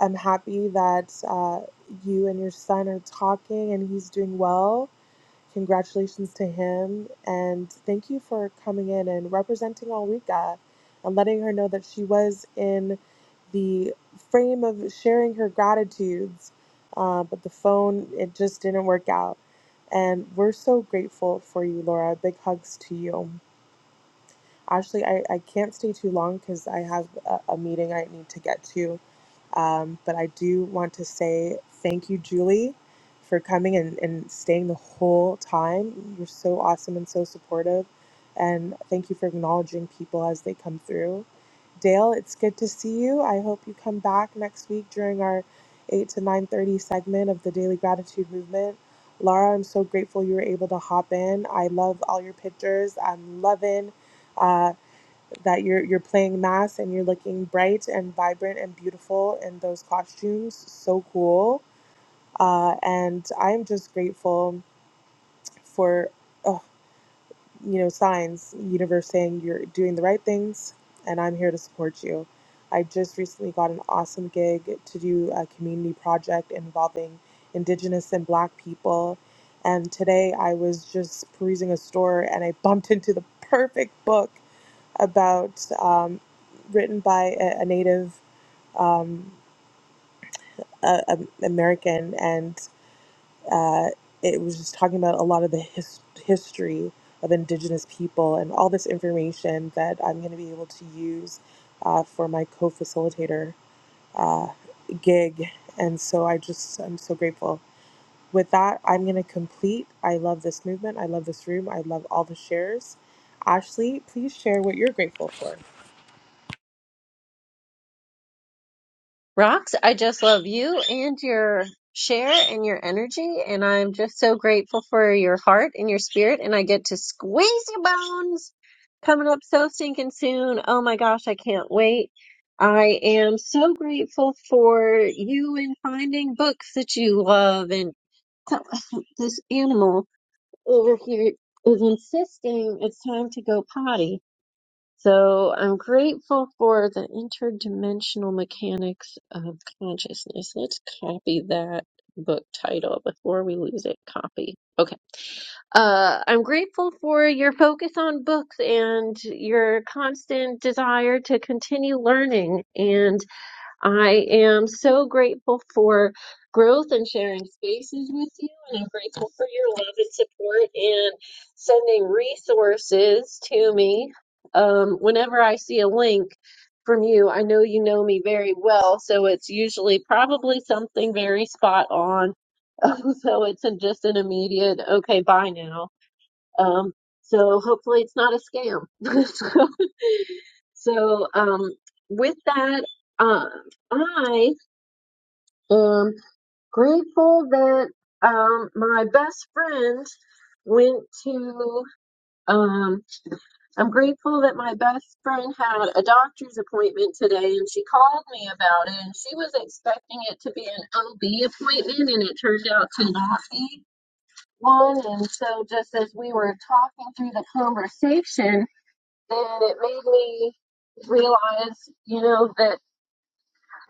C: am happy that uh, you and your son are talking and he's doing well. Congratulations to him. And thank you for coming in and representing Alrika and letting her know that she was in the frame of sharing her gratitudes. Uh, but the phone, it just didn't work out. And we're so grateful for you, Laura. Big hugs to you. Ashley, I, I can't stay too long because I have a, a meeting I need to get to. Um, but I do want to say thank you, Julie, for coming and, and staying the whole time. You're so awesome and so supportive. And thank you for acknowledging people as they come through. Dale, it's good to see you. I hope you come back next week during our 8 to 9.30 segment of the Daily Gratitude Movement. Laura, I'm so grateful you were able to hop in. I love all your pictures. I'm loving. uh, that you're you're playing mass and you're looking bright and vibrant and beautiful in those costumes. So cool. Uh, and I'm just grateful for oh, you know signs, universe saying you're doing the right things, and I'm here to support you. I just recently got an awesome gig to do a community project involving Indigenous and Black people. And today I was just perusing a store and I bumped into the perfect book about um, written by a, a Native um, a, a- American, and uh, it was just talking about a lot of the his, history of Indigenous people and all this information that I'm going to be able to use uh, for my co-facilitator gig. And so I just I'm so grateful. With that, I'm going to complete. I love this movement. I love this room. I love all the shares. Ashley, please share what you're grateful for.
A: Rox, I just love you and your share and your energy, and I'm just so grateful for your heart and your spirit, and I get to squeeze your bones coming up so stinking soon. Oh my gosh, I can't wait. I am so grateful for you and finding books that you love, and this animal over here is insisting it's time to go potty. So I'm grateful for the interdimensional mechanics of consciousness. Let's copy that book title before we lose it. Copy. Okay. Uh, I'm grateful for your focus on books and your constant desire to continue learning. And I am so grateful for growth and sharing spaces with you, and I'm grateful for your love and support and sending resources to me. Um, whenever I see a link from you, I know you know me very well, so it's usually probably something very spot on. so it's a, just an immediate, okay, bye now. Um, so hopefully it's not a scam. so, so um, with that, uh, I am grateful that um, my best friend went to um, i'm grateful that my best friend had a doctor's appointment today and she called me about it and she was expecting it to be an ob appointment and it turned out to not be one and so just as we were talking through the conversation then it made me realize you know that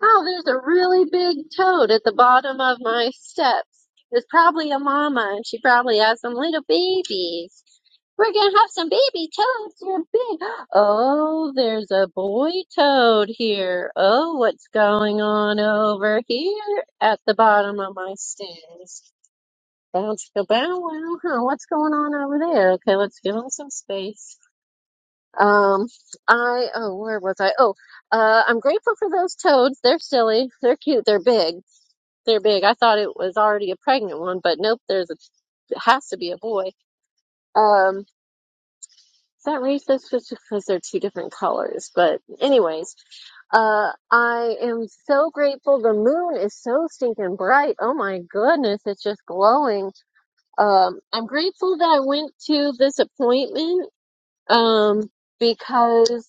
A: Oh, there's a really big toad at the bottom of my steps. It's probably a mama, and she probably has some little babies. We're gonna have some baby toads. They're big. Oh, there's a boy toad here. Oh, what's going on over here at the bottom of my stairs? Bounce go bow wow. Huh, what's going on over there? Okay, let's give him some space. Um, I, oh, where was I? Oh, uh, I'm grateful for those toads. They're silly. They're cute. They're big. They're big. I thought it was already a pregnant one, but nope, there's a, it has to be a boy. Um, is that racist? Just because they're two different colors. But anyways, uh, I am so grateful. The moon is so stinking bright. Oh my goodness. It's just glowing. Um, I'm grateful that I went to this appointment. Um, because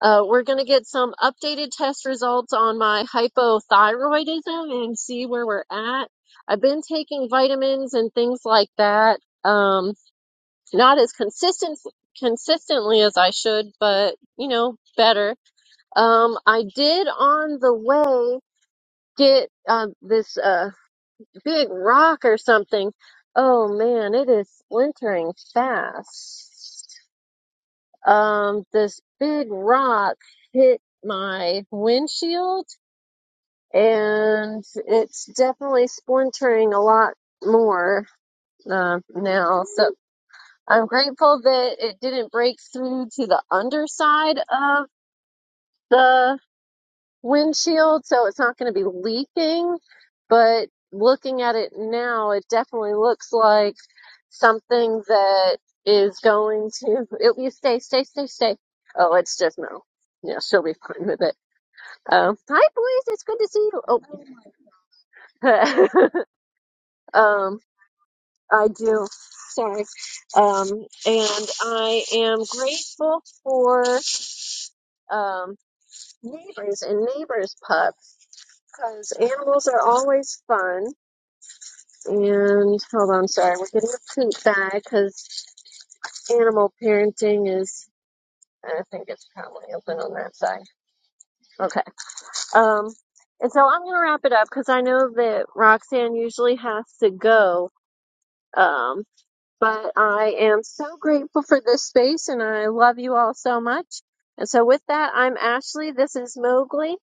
A: Uh, we're going to get some updated test results on my hypothyroidism and see where we're at. I've been taking vitamins and things like that. Um, not as consistent consistently as I should, but you know, better. Um, I did on the way get uh, this uh, big rock or something. Oh man, it is splintering fast um, this big rock hit my windshield and it's definitely splintering a lot more uh, now. So I'm grateful that it didn't break through to the underside of the windshield, so it's not going to be leaking. But looking at it now, it definitely looks like. something that is going to it, you stay, stay, stay, stay. Oh, it's just no. Yeah, she'll be fine with it. Um, hi boys, it's good to see you. Oh, um, I do. Sorry. Um, and I am grateful for um neighbors and neighbors pups because animals are always fun. And hold on, sorry, we're getting a poop bag because animal parenting is. I think it's probably open on that side. Okay. Um, and so I'm gonna wrap it up because I know that Roxanne usually has to go. Um, but I am so grateful for this space and I love you all so much. And so with that, I'm Ashley. This is Mowgli.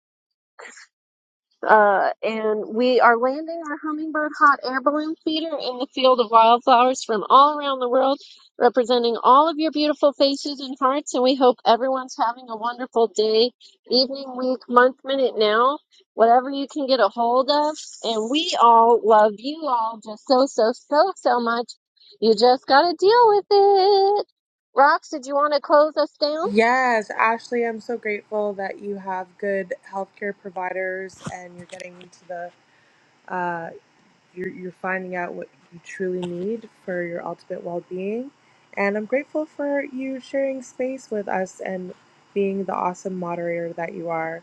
A: Uh, and we are landing our hummingbird hot air balloon feeder in the field of wildflowers from all around the world, representing all of your beautiful faces and hearts. And we hope everyone's having a wonderful day, evening, week, month, minute, now, whatever you can get a hold of. And we all love you all just so, so, so, so much. You just got to deal with it. Rox, did you want to close us down?
C: Yes, Ashley, I'm so grateful that you have good healthcare providers and you're getting into the uh, you're you're finding out what you truly need for your ultimate well-being. And I'm grateful for you sharing space with us and being the awesome moderator that you are.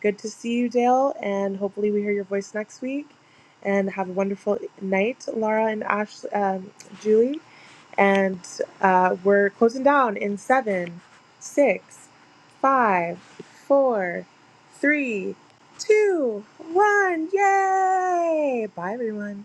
C: Good to see you, Dale, and hopefully we hear your voice next week. And have a wonderful night, Laura and Ash, um, Julie. And uh, we're closing down in seven, six, five, four, three, two, one. Yay! Bye, everyone.